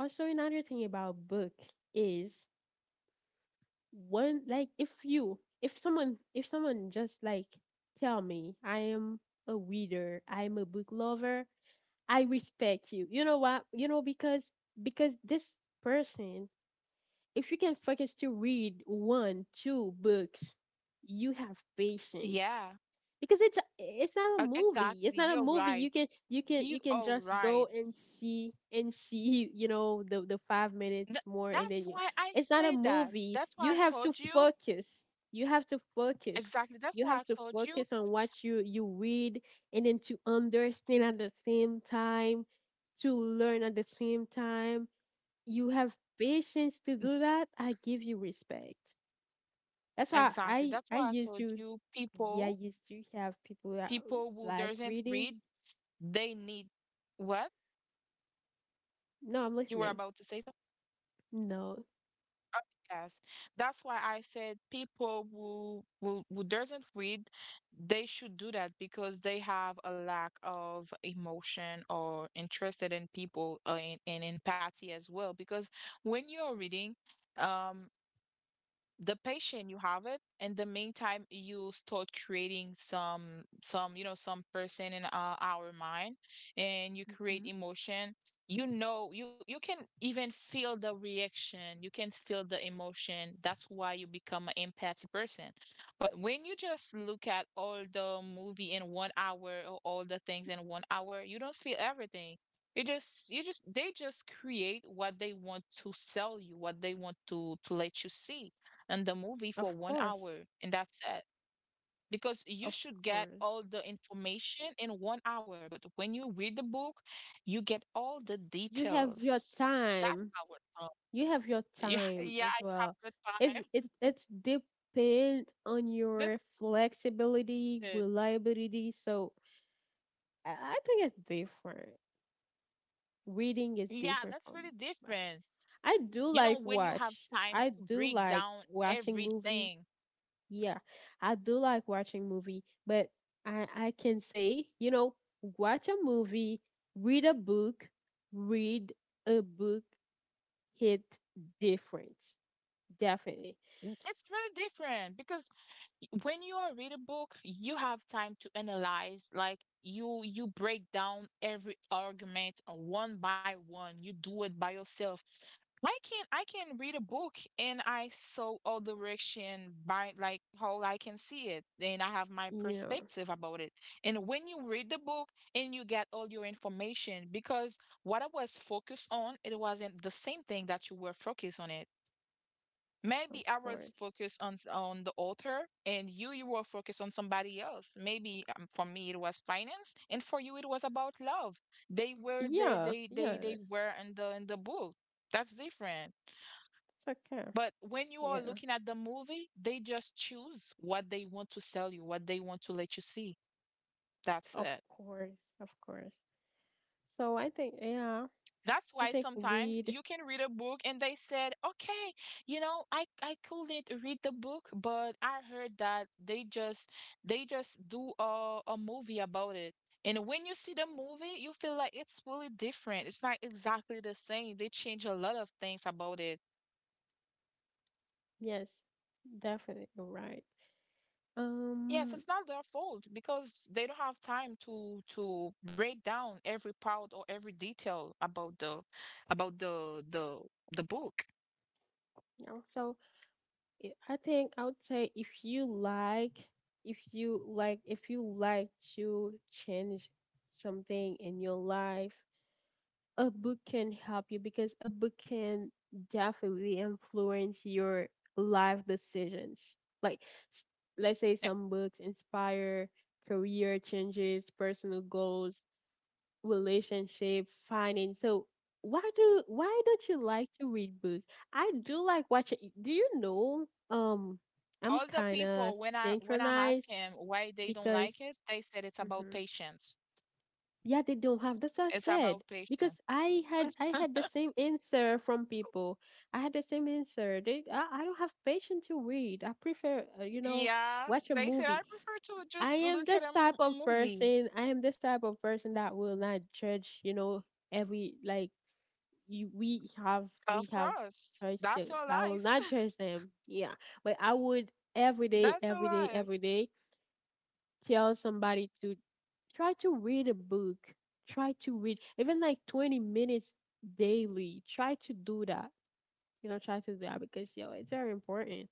A: also another thing about book is, when like, if you if someone just like tell me I am a reader, I am a book lover, I respect you, you know what, you know, because this person, if you can focus to read one two books, you have patience,
B: Yeah,
A: because it's not a movie. It's
B: exactly,
A: not a
B: you're
A: movie,
B: right,
A: you can you can
B: you
A: you can
B: are
A: just go
B: right.
A: and see you know, the 5 minutes
B: Th-
A: more and then
B: that's
A: you.
B: why I
A: It's not a
B: say that,
A: movie,
B: that's
A: you
B: why I
A: have to
B: told you.
A: focus, you have to focus
B: Exactly,
A: you
B: that's
A: have
B: why I
A: to
B: told
A: focus
B: you.
A: on what you read, and then to understand at the same time, to learn at the same time. You have patience to do that, I give you respect. That's why
B: Exactly,
A: I
B: that's
A: I
B: why I
A: used
B: told
A: to,
B: you.
A: yeah, I
B: People,
A: used to have people that
B: people who
A: like
B: doesn't read,
A: reading.
B: they need what
A: No, I'm
B: you were
A: listening.
B: about to say.
A: No,
B: Oh, yes. That's why I said people who doesn't read, they should do that because they have a lack of emotion or interested in people in empathy as well. Because when you're reading, um, the patient you have it in the meantime, you start creating some, some person in our mind, and you
A: hmm.
B: create emotion. You know, you can even feel the reaction, you can feel the emotion. That's why you become an empathy person. But when you just look at all the movie in 1 hour or all the things in 1 hour, you don't feel everything. You just they just create what they want to sell you, what they want to let you see, and the movie for
A: Of
B: one
A: course,
B: hour, and that's it. Because you
A: of
B: should get
A: course.
B: all the information in 1 hour, but when you read the book, you get all the
A: You have your
B: details. That's
A: time.
B: how it's done.
A: You have your
B: Yeah, yeah,
A: time as
B: you have
A: well.
B: the
A: It's
B: time.
A: it it's depend on
B: That's
A: your flexibility,
B: it.
A: reliability. So I think it's different. Reading is
B: Yeah,
A: different
B: that's
A: from
B: really
A: watching.
B: different.
A: I do
B: You
A: like
B: know, when you have
A: watch.
B: time
A: I
B: to
A: do
B: break
A: like
B: down
A: watching movie.
B: everything.
A: Yeah, I do like watching movie, but I can say, you know, watch a movie, read a book, read a book hit different. Definitely.
B: It's really different because when you are read a book, you have time to analyze. Like, you break down every argument one by one. You do it by yourself. I can read a book and I saw all direction by like how I can see it. Then I have my
A: Yeah,
B: perspective about it. And when you read the book and you get all your information, because what I was focused on, it wasn't the same thing that you were focused on it.
A: of
B: Maybe I
A: course.
B: was focused on on the author, and you were focused on somebody else. Maybe for me it was finance, and for you it was about love. They were they
A: Yeah,
B: they
A: yeah,
B: they
A: that's,
B: they were in the book. That's different.
A: it's okay.
B: But when you are
A: Yeah,
B: looking at the movie, they just choose what they want to sell you, what they want to let you see. That's
A: of
B: it.
A: course, of course. So I think, yeah,
B: That's
A: I
B: why
A: think
B: sometimes
A: read,
B: you can read a book and they said, okay, you know, I couldn't read the book, but I heard that they just do a movie about it. And when you see the movie, you feel like it's really different. It's not exactly the same. They change a lot of things about it.
A: yes, definitely right.
B: Yes,
A: Um,
B: it's not their fault because they don't have time to break down every part or every detail about the about the the book.
A: yeah, so I think I would say, if you like to change something in your life, a book can help you, because a book can definitely influence your life decisions. Like, s- let's say, some books inspire career changes, personal goals, relationship, finding. So why don't you like to read books? I do like watching. Do you know? I'm
B: All the
A: kind of
B: people, when I ask
A: synchronized
B: him why they don't like
A: because,
B: it, they said it's about
A: mhm,
B: patience.
A: yeah, they don't have. That's what I
B: It's
A: said,
B: about
A: because
B: patience.
A: I had the same answer from people. I had the same answer. They, I don't have patience to read. I prefer, you know,
B: Yeah,
A: watch a
B: they said
A: movie.
B: I prefer to
A: I
B: just
A: am
B: look at
A: this
B: a,
A: type
B: a
A: of
B: movie.
A: person. I am this type of person that will not judge. You know, every like, we
B: Of
A: have
B: course, that's
A: choices.
B: your
A: I will
B: life.
A: not judge them. Yeah, but I would every day,
B: That's your
A: every day,
B: life.
A: every day tell somebody to try to read a book. Try to read even like 20 minutes daily. Try to do that. You know, try to do that because yo, it's very important.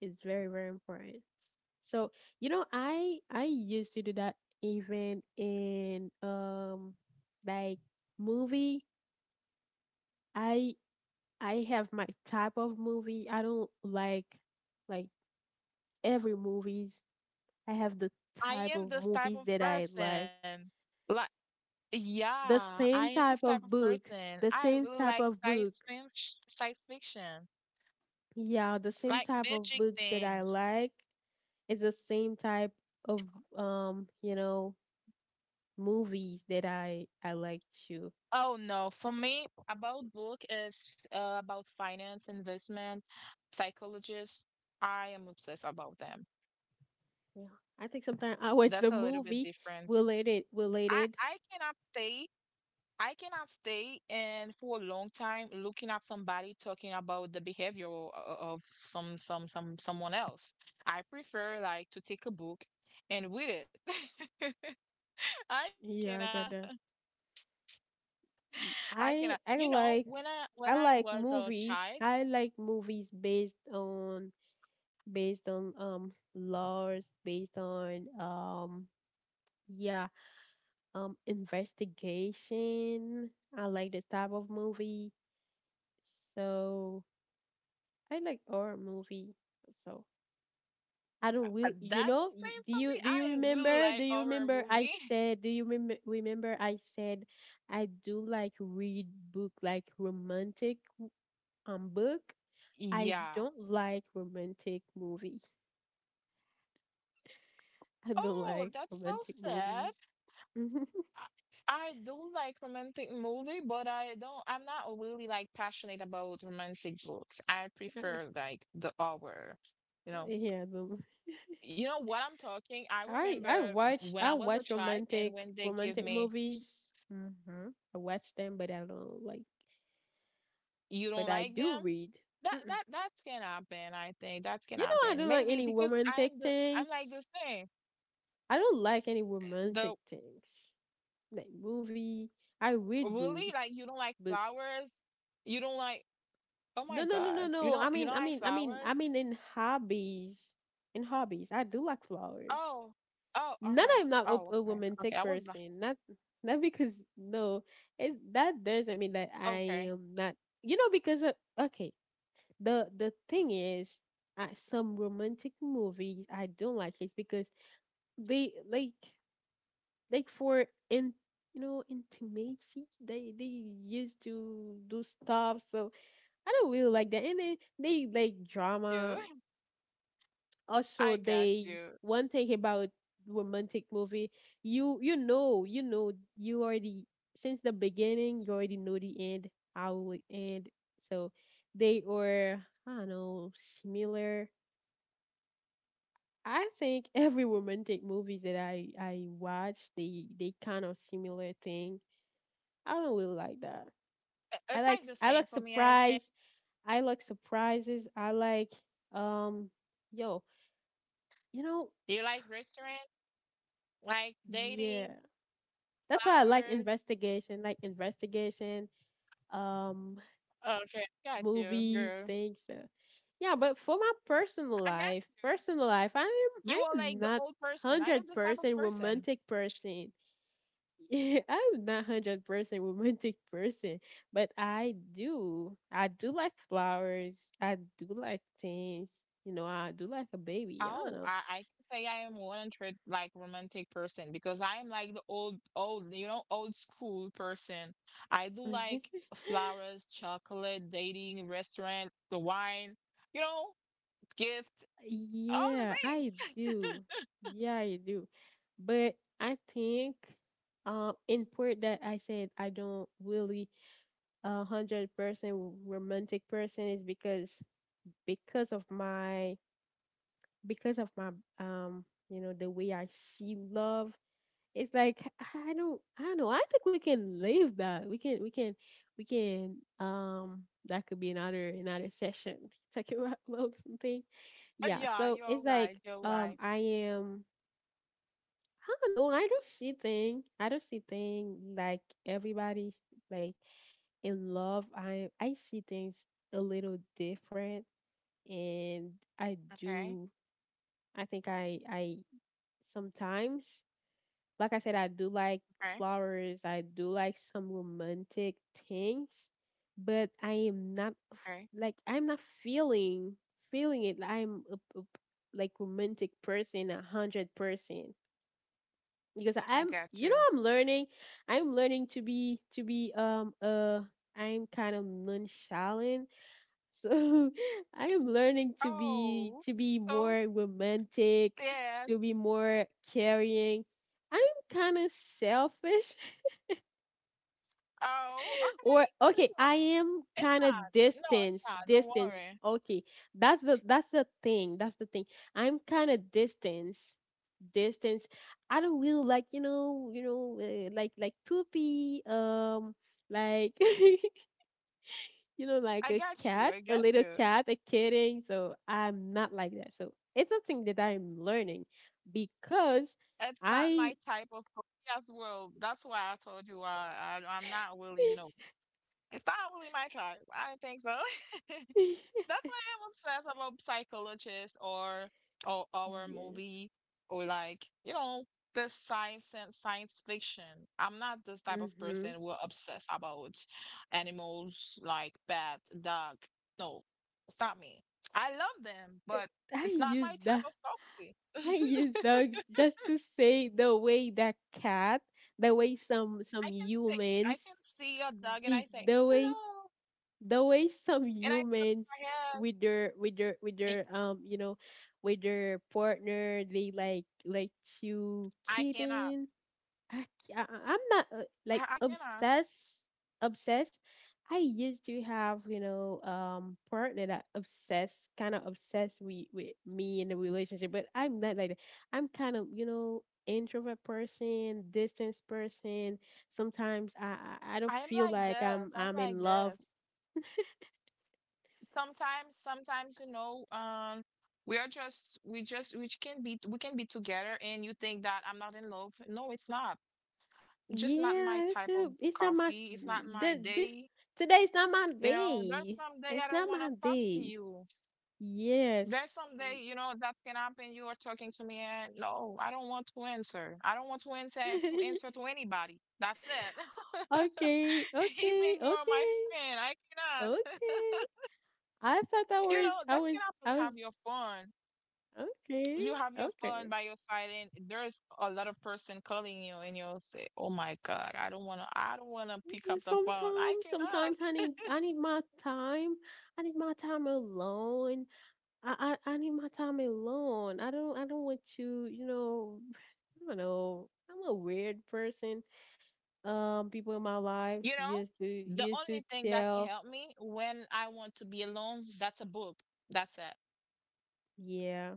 A: It's very very important. So you know, I used to do that even in like movie. I I have my type of movie. I don't like, every movies. I have the
B: I
A: type
B: am
A: of
B: this type
A: movies
B: of
A: that I like.
B: person. Like,
A: The
B: yeah, I am
A: same
B: this type
A: type
B: of
A: of book,
B: person.
A: the
B: I
A: same
B: really like
A: type of book.
B: science fiction,
A: Yeah, the same
B: like
A: type of
B: magic
A: books that I
B: things.
A: like is the same type of, you know, movies that I like too.
B: Oh no, for me, about book is about finance, investment, psychologists. I am obsessed about them.
A: Yeah. I think sometimes I watch
B: That's
A: the
B: a little bit
A: movie
B: different.
A: related,
B: I I
A: related.
B: cannot stay. I cannot stay and for a long time looking at somebody talking about the behavior of some someone else. I prefer like to take a book and read it. I
A: Yeah, I
B: cannot.
A: got that.
B: I cannot.
A: I
B: You know, when
A: like,
B: I when
A: I
B: I
A: like
B: was a
A: movies.
B: child,
A: I like movies based on, based on um, laws, based on, um, yeah, um, investigation. I like this type of movie. So I like horror movie. So I don't will, you
B: That's the
A: know,
B: same
A: do
B: for me.
A: you, do you
B: I really
A: remember do
B: like
A: you
B: horror
A: remember I
B: movie.
A: said, do you remember I said I do like read book like romantic, um, book. I
B: Yeah.
A: don't like romantic movies. I don't
B: Oh,
A: like
B: that's so
A: romantic
B: sad.
A: movies.
B: I do like romantic movie, but I don't. I'm not really like passionate about romantic books. I
A: Uh,
B: prefer like the horror. You know,
A: yeah, but
B: you know what I'm talking. I
A: I
B: remember
A: watch,
B: when
A: I
B: I was a
A: watch
B: child, and
A: romantic,
B: when they give
A: romantic
B: me,
A: movies. Hmm. I watch them, but I don't like.
B: you
A: But
B: don't
A: I
B: like
A: do
B: them.
A: read.
B: That
A: Mm-mm.
B: that that can happen. I think that can
A: You know, I
B: happen.
A: don't like
B: Maybe
A: any
B: because
A: romantic
B: I'm the I'm like
A: things.
B: the same.
A: I don't like any romantic
B: The
A: things like movie. I read book,
B: Really? Like you don't like
A: books.
B: flowers? You don't like Oh my
A: No, no, no, no,
B: God. You
A: no.
B: don't you don't like flowers?
A: I mean, in hobbies, I do like flowers.
B: Oh. Oh,
A: Not,
B: okay.
A: I'm not
B: Oh,
A: a,
B: okay. Okay.
A: romantic
B: I was like,
A: person. Not, not because no, it's, that doesn't mean that I
B: okay.
A: am not. You know, because, okay, the thing is, some romantic movies I don't like is because they like for in, you know, intimacy, they used to do stuff, so I don't really like that. And then they like
B: You.
A: drama. Also,
B: I got
A: they,
B: you.
A: one thing about romantic movie, you know, you already, since the beginning, you already know the end, how it end. So they are, I don't know, similar. I think every romantic movies that I watch, they kind of similar thing. I don't really like that.
B: I- It's like the
A: I
B: same
A: like
B: for me, I think.
A: surprise. I like surprises. I like, um, yo, you know,
B: You like restaurant, like
A: yeah.
B: dating,
A: That's why I like
B: flowers.
A: investigation, um,
B: Okay, got you,
A: movies,
B: girl.
A: things. Yeah, but for my personal
B: I got
A: life, I'm,
B: you. You are like the
A: not
B: old person. I am
A: hundred
B: this type of
A: percent
B: person.
A: romantic person. Yeah, I'm not 100% romantic person, but I do. I do like flowers. I do like things. You know, I do like a baby. I
B: Oh,
A: don't
B: I can say I am 100 like romantic person because I am like the old old, you know, old school person. I do
A: know.
B: like flowers, chocolate, dating, restaurant, the wine, you know, gift, all the
A: Yeah, I
B: things.
A: do. Yeah, I do. But I think, um, in part that I said I don't really 100% romantic person is because, because of my because of my, um, you know, the way I see love. It's like I don't, I don't know. I think we can leave that. We can, um, that could be another, another session. Talking about love something. Yeah,
B: Yeah,
A: so
B: you're
A: it's like,
B: right. You're
A: um,
B: right.
A: I am, I don't know, I don't see thing. I don't see thing like everybody, like, in love. I see things a little different, and I
B: Okay,
A: do. I think I sometimes, like I said, I do like
B: okay,
A: flowers. I do like some romantic things, but I am not
B: okay.
A: like, I'm not feeling, feeling it. I'm a, like romantic person, 100%. Because
B: I
A: I'm,
B: got
A: you
B: you.
A: know, I'm learning. I'm learning to be to be, um, uh. I'm kind of nonchalant, so I am learning
B: Oh,
A: to be
B: so
A: more romantic,
B: yeah.
A: to be more caring. I'm kind of selfish,
B: Oh,
A: or
B: okay.
A: okay,
B: No,
A: I am
B: it's
A: kind
B: not.
A: of
B: No, it's
A: distance,
B: not. Don't
A: distance.
B: worry.
A: Okay. That's the thing. I'm kind of distance, distance, I don't really like, you know, like poopy, um, like you know,
B: I
A: like a
B: got you. I
A: cat, a
B: got
A: little
B: you.
A: cat, a kitten. So I'm not like that. So it's a thing that I'm learning because
B: It's not
A: I,
B: my type of coffee as well. That's why I told you I'm not really, you know, it's not really my type. I don't think so. That's why I'm obsessed about psychologists or horror
A: yeah,
B: movie or like, you know, the science and science fiction. I'm not this type of
A: hmm,
B: person who are obsessed about animals like bat, dog. No, it's not me. I love them, but
A: I
B: it's not
A: use
B: my
A: that.
B: type of coffee.
A: I use dog just to say the way that cat, the way
B: I
A: some
B: can see I
A: humans,
B: can see your dog and I
A: the
B: say,
A: the way
B: hello.
A: the way some
B: And I touch
A: humans
B: your head.
A: with their with their with
B: Eh,
A: their um, you know, with their partner, they like chew
B: I cannot.
A: kitten. I, I'm not, like
B: I cannot.
A: obsessed. Obsessed. I used to have, you know, partner that obsessed, kind of obsessed with me in the relationship. But I'm not like that. I'm kind of, you know, introvert person, distance person. Sometimes I
B: I
A: don't
B: am
A: feel
B: like
A: like
B: this.
A: I'm
B: I'm
A: I'm
B: like
A: in love.
B: this. Sometimes, sometimes, you know, we are just we can be together and you think that I'm not in love. No, it's not. Just not my
A: Yeah,
B: type
A: it's
B: of
A: a, it's not my
B: coffee. It's not my day.
A: today's not my
B: You know, there's
A: day.
B: some day I
A: It's
B: don't
A: not
B: want to
A: my
B: talk to
A: day.
B: you.
A: Yes.
B: There's some day, you know, that can happen. You are talking to me, and no, I don't want to answer. I don't want to answer to answer to anybody. That's it.
A: Okay, okay,
B: Even you are my
A: okay,
B: friend, I cannot.
A: okay. I thought I
B: You
A: was,
B: know,
A: I
B: that
A: was,
B: can happen.
A: I
B: You
A: was.
B: have your phone.
A: Okay,
B: You have your phone
A: okay.
B: by your side, and there's a lot of person calling you, and you'll say, "Oh my God, I don't wanna pick up the phone. I
A: Sometimes,
B: cannot."
A: sometimes I need my time. I need my time alone. I need my time alone. I don't want you. You know, I don't know. I'm a weird person. People in my life
B: You know,
A: used to,
B: the
A: used to
B: only thing that can
A: tell.
B: help me when I want to be alone, that's a book. That's it.
A: Yeah,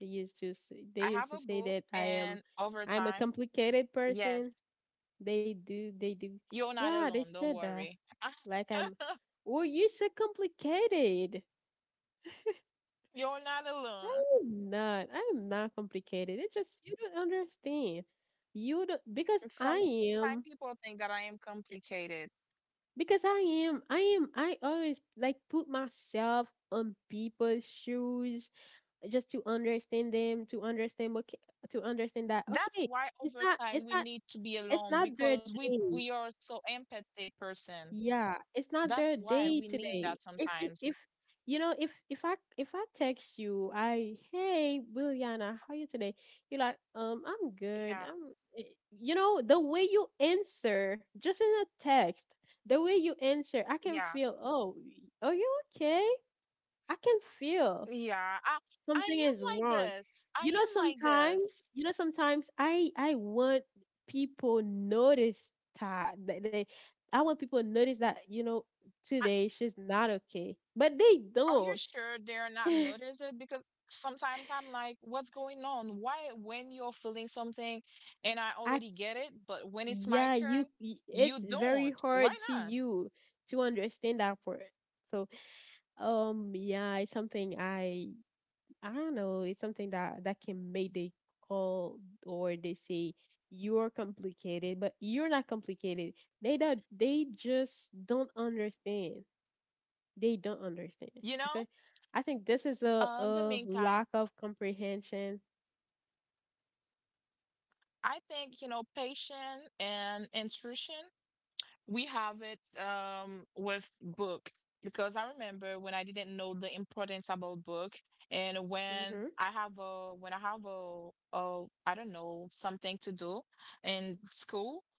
A: they used to say,
B: I have a book,
A: that I am.
B: and over
A: I'm a
B: time,
A: complicated
B: yes,
A: person. They do, they do.
B: you're not
A: Yeah, they
B: alone. Don't
A: said that.
B: worry.
A: Like I'm, well, you said complicated.
B: You're not alone.
A: I'm not. I'm not complicated. It's just you don't understand. You don't because
B: Sometimes people
A: am
B: think that I am complicated.
A: because I I always like put myself on people's shoes just to understand them, to understand that,
B: That's
A: okay,
B: why
A: it's
B: over
A: not
B: time
A: it's
B: we
A: not
B: need to be
A: it's
B: alone
A: not
B: because
A: their
B: we
A: day.
B: are so empathic person.
A: Yeah, it's not
B: That's
A: their
B: why we
A: day
B: need that
A: today.
B: sometimes.
A: If I text you, I hey, Williana, how you today? You're like, I'm good.
B: Yeah,
A: I'm, eh," the way you answer just in a text, the way you answer, I can
B: yeah,
A: feel. Oh, are you okay? I can feel
B: yeah. I
A: something is
B: am like
A: wrong.
B: this. I am like this.
A: Sometimes, sometimes I want people notice that that they, I want people to notice that today she's not okay, but they
B: Are you
A: don't.
B: sure they're not noticing? Because sometimes I'm like, what's going on? Why, when you're feeling something and I
A: I
B: already get it, but when it's
A: yeah,
B: my turn,
A: it's
B: you
A: very
B: don't.
A: hard
B: Why
A: to
B: not?
A: you to understand that for it. So yeah, it's something I don't know. It's something that can make they call or they say you're complicated, but you're not complicated. They don't. They just don't understand. They don't understand.
B: You
A: I
B: know?
A: think I think this is a
B: In the
A: a
B: meantime,
A: lack of comprehension.
B: I think, you know, patience and intuition, we have it with book, because I remember when I didn't know the importance about book, and when
A: Mhm.
B: I have a when I have a I don't know, something to do in school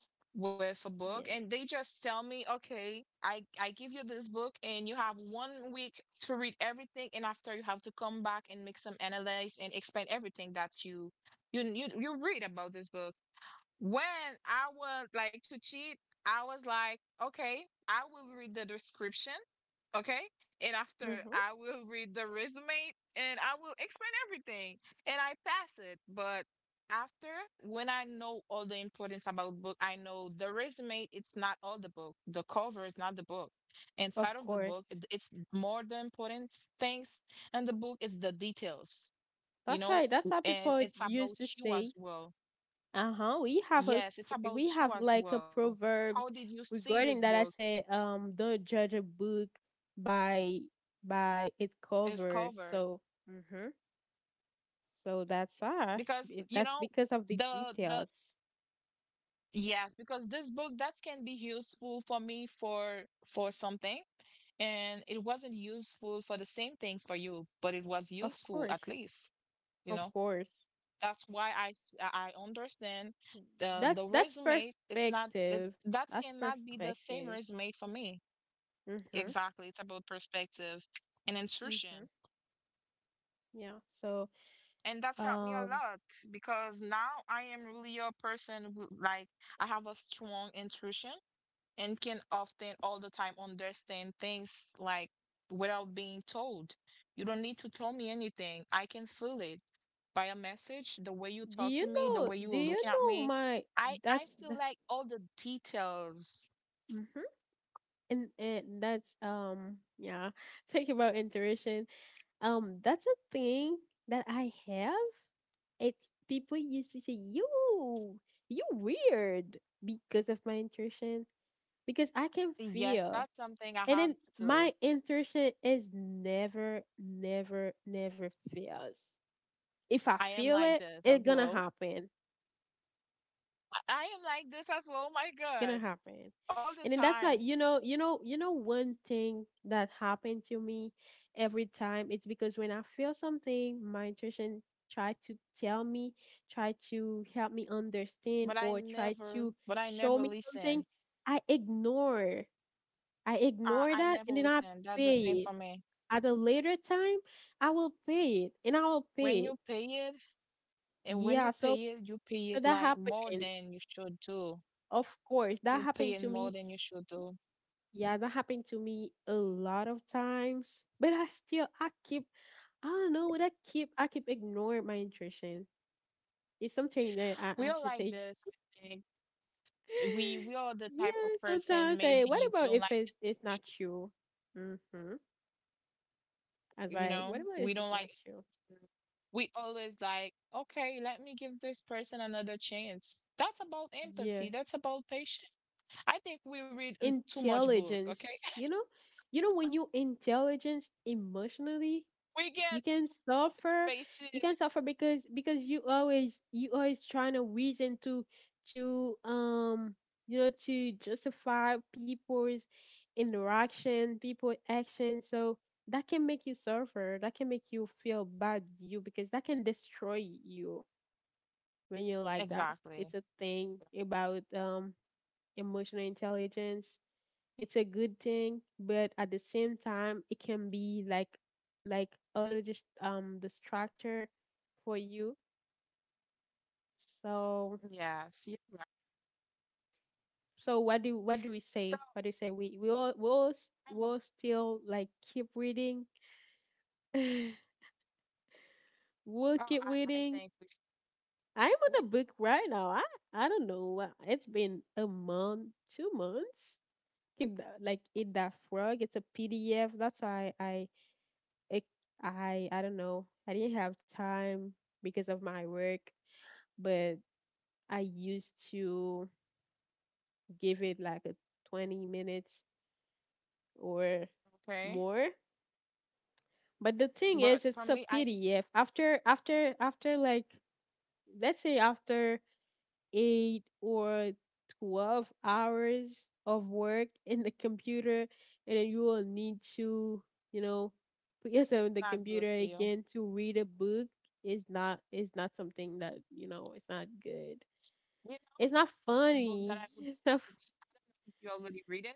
B: with a
A: Yeah.
B: book, and they just tell me, okay, I give you this book and you have 1 week to read everything, and after you have to come back and make some analyze and explain everything that you you read about this book. When I was like to cheat, I was like, okay, I will read the description, okay? And after
A: Mhm.
B: I will read the resume and I will explain everything and I pass it. But after, when I know all the importance about book, I know the resume, it's not all the book. The cover is not the book. Inside
A: Of
B: of the
A: course.
B: book, it's more the important things, and the book is the details, you
A: That's
B: know,
A: right. That's how
B: and
A: people
B: it's about
A: used to
B: you as
A: say.
B: well.
A: Uh-huh. We have
B: Yes, it's about
A: we
B: you
A: have
B: as
A: like a
B: well. How
A: proverbs
B: did you see this
A: regarding that.
B: book,
A: I say, don't judge a book by by its
B: its
A: cover.
B: cover?
A: So mhm. So that's why
B: Because you
A: that's
B: know
A: because of the
B: the
A: details.
B: yes, because this book that can be useful for me for something, and it wasn't useful for the same things for you, but it was
A: Of
B: useful at
A: course.
B: least, you
A: Of
B: know.
A: course.
B: That's why I s- I understand the
A: That's
B: resume. It's not it,
A: perspective.
B: that
A: That's
B: cannot be the same
A: perspective.
B: resume for me.
A: Mhm.
B: Exactly, it's about perspective and
A: Mhm.
B: instruction.
A: Yeah. So
B: And that's helped me a
A: um
B: lot because now I am really a person who like I have a strong intuition, and can often all the time understand things like without being told. You don't need to tell me anything. I can feel it by a message, the way you talk to me, the way you were
A: do you
B: looking at
A: know
B: me.
A: my,
B: I
A: that's
B: feel
A: the,
B: like all the details.
A: mhm. And that's yeah, talk about intuition. That's a thing that I have. It's, people used to say you weird because of my intuition, because I can
B: Yes,
A: feel.
B: that's something I
A: And
B: have
A: then my
B: to.
A: intuition is never fails. If I
B: I am
A: feel
B: like
A: it,
B: this as
A: it's gonna
B: well.
A: happen,
B: I am like this as well. Oh my
A: gonna
B: God,
A: happen.
B: all the
A: And then that's why,
B: time.
A: you know, one thing that happened to me every time, it's because when I feel something, my intuition try to tell me, try to help me understand, or try to
B: But I
A: show
B: never
A: me something.
B: listen.
A: i ignore i ignore
B: I
A: that,
B: never
A: and then I
B: listen. That's the same
A: pay it
B: for me.
A: at a later time. I will pay it, and I will pay
B: When
A: it.
B: you pay it, and when
A: Yeah, so
B: you pay it
A: that
B: like more
A: happened.
B: than you should do.
A: Of course that
B: You pay
A: happened
B: it
A: to
B: more
A: me.
B: than you should do.
A: Yeah, that happened to me a lot of times, but I keep, I don't know what, I keep ignoring my intuition. It's something that I,
B: We
A: I
B: are
A: should
B: like
A: take.
B: this. I think. We are the type
A: Yeah,
B: of person
A: sometimes
B: maybe
A: say, what
B: we
A: about
B: don't
A: if
B: like,
A: it's not you? Mm-hmm. I was
B: you
A: like,
B: know,
A: what about if
B: we don't
A: it's not
B: like.
A: you?
B: We always like, okay, let me give this person another chance. That's about
A: Yeah,
B: empathy. That's about patience. I think we read too much book,
A: intelligence.
B: okay?
A: You know, when you intelligence emotionally,
B: We get
A: you can suffer.
B: spaces.
A: Because you always, trying to reason to, to um to justify people's interaction, people action. So that can make you suffer, that can make you feel bad, you because that can destroy you when you're like that.
B: Exactly.
A: It's a thing about emotional intelligence. It's a good thing, but at the same time, it can be like, like auto just distractor for you. So,
B: Yes, you're right.
A: what do, we
B: So
A: say? What do you say? We all
B: I'm a,
A: we'll still like keep reading. We'll
B: oh,
A: keep
B: I
A: reading.
B: think
A: I'm
B: we
A: on a book
B: should,
A: right now. I don't know. It's been a month, 2 months. Keep that, like eat that frog. It's a PDF. That's why it I don't know. I didn't have time because of my work, but I used to give it like a 20 minutes or
B: okay?
A: more. But the thing
B: But
A: is,
B: for
A: it's a
B: me, I need to
A: PDF. After like, let's say, after 8 or 12 hours of work in the computer, and then you will need to, you know, put yourself in the
B: not good for
A: computer
B: you.
A: again to read a book is not, something that, it's not good,
B: You know,
A: it's not
B: the book that
A: funny,
B: I would
A: it's not
B: read,
A: f-
B: I don't know if you already read it.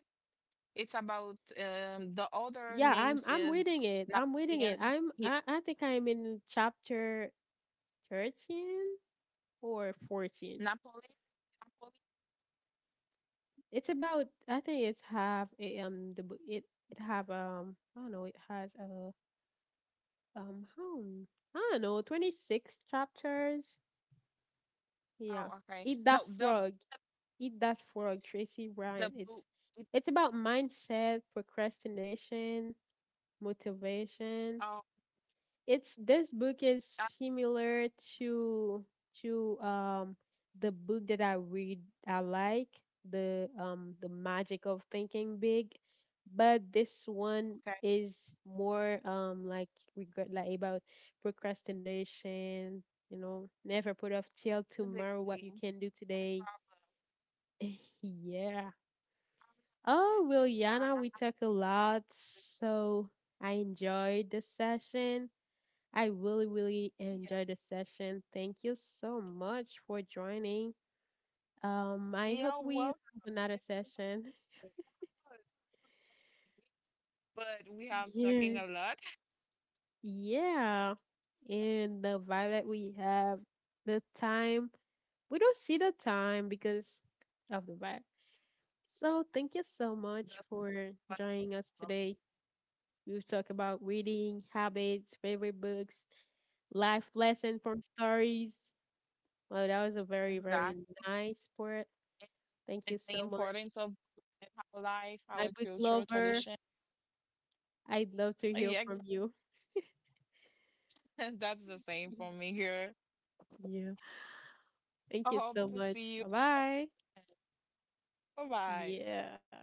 B: It's about the other
A: yeah, i'm
B: names
A: i'm
B: is
A: reading it.
B: Napoleon. Yeah,
A: I think I'm in chapter 13 or 14.
B: Napoleon. Napoleon.
A: It's about, I think it's have a, it have, I don't know, it has a, um how m- I don't know, 26 chapters. Yeah.
B: Oh, okay.
A: Eat that
B: No,
A: frog. Eat that frog, Tracy
B: the
A: Bryan.
B: book.
A: It's,
B: It,
A: about mindset, procrastination, motivation.
B: oh,
A: It's, this book is
B: that,
A: similar to, to um the book that I read, I like, the The Magic of Thinking Big, but this one
B: okay.
A: is more, like regret, like, about procrastination. You know, never put off till tomorrow what you
B: Physically.
A: can do
B: No
A: today.
B: problem.
A: Yeah.
B: Yes,
A: Oh, well, Yana, we
B: I
A: talk a
B: like how
A: lot,
B: you look like,
A: so I enjoyed the session. I really, really
B: yeah,
A: enjoyed the session. Thank you so much for joining. I hope
B: yeah.
A: we have
B: Well,
A: another
B: it
A: session.
B: was a pleasure. Yeah, it was amazing. But we have talking
A: Yeah.
B: a lot.
A: Yeah. And the vibe that we have, the time, we don't see the time because of the vibe. So thank you so much
B: That's
A: for
B: what's
A: joining us
B: fun.
A: today. We've talked about reading, habits, favorite books, life lesson from stories. Well, that was a very, very
B: Exactly.
A: nice part. Thank
B: And
A: you
B: the
A: so
B: importance
A: much.
B: of in our life,
A: My
B: our
A: book
B: culture,
A: lover.
B: tradition.
A: I'd love to hear
B: Yeah,
A: from you.
B: exactly. That's the same for me here.
A: Yeah. Thank
B: I
A: you
B: hope
A: so
B: to
A: much.
B: see you.
A: Bye bye.
B: Bye bye.
A: Yeah.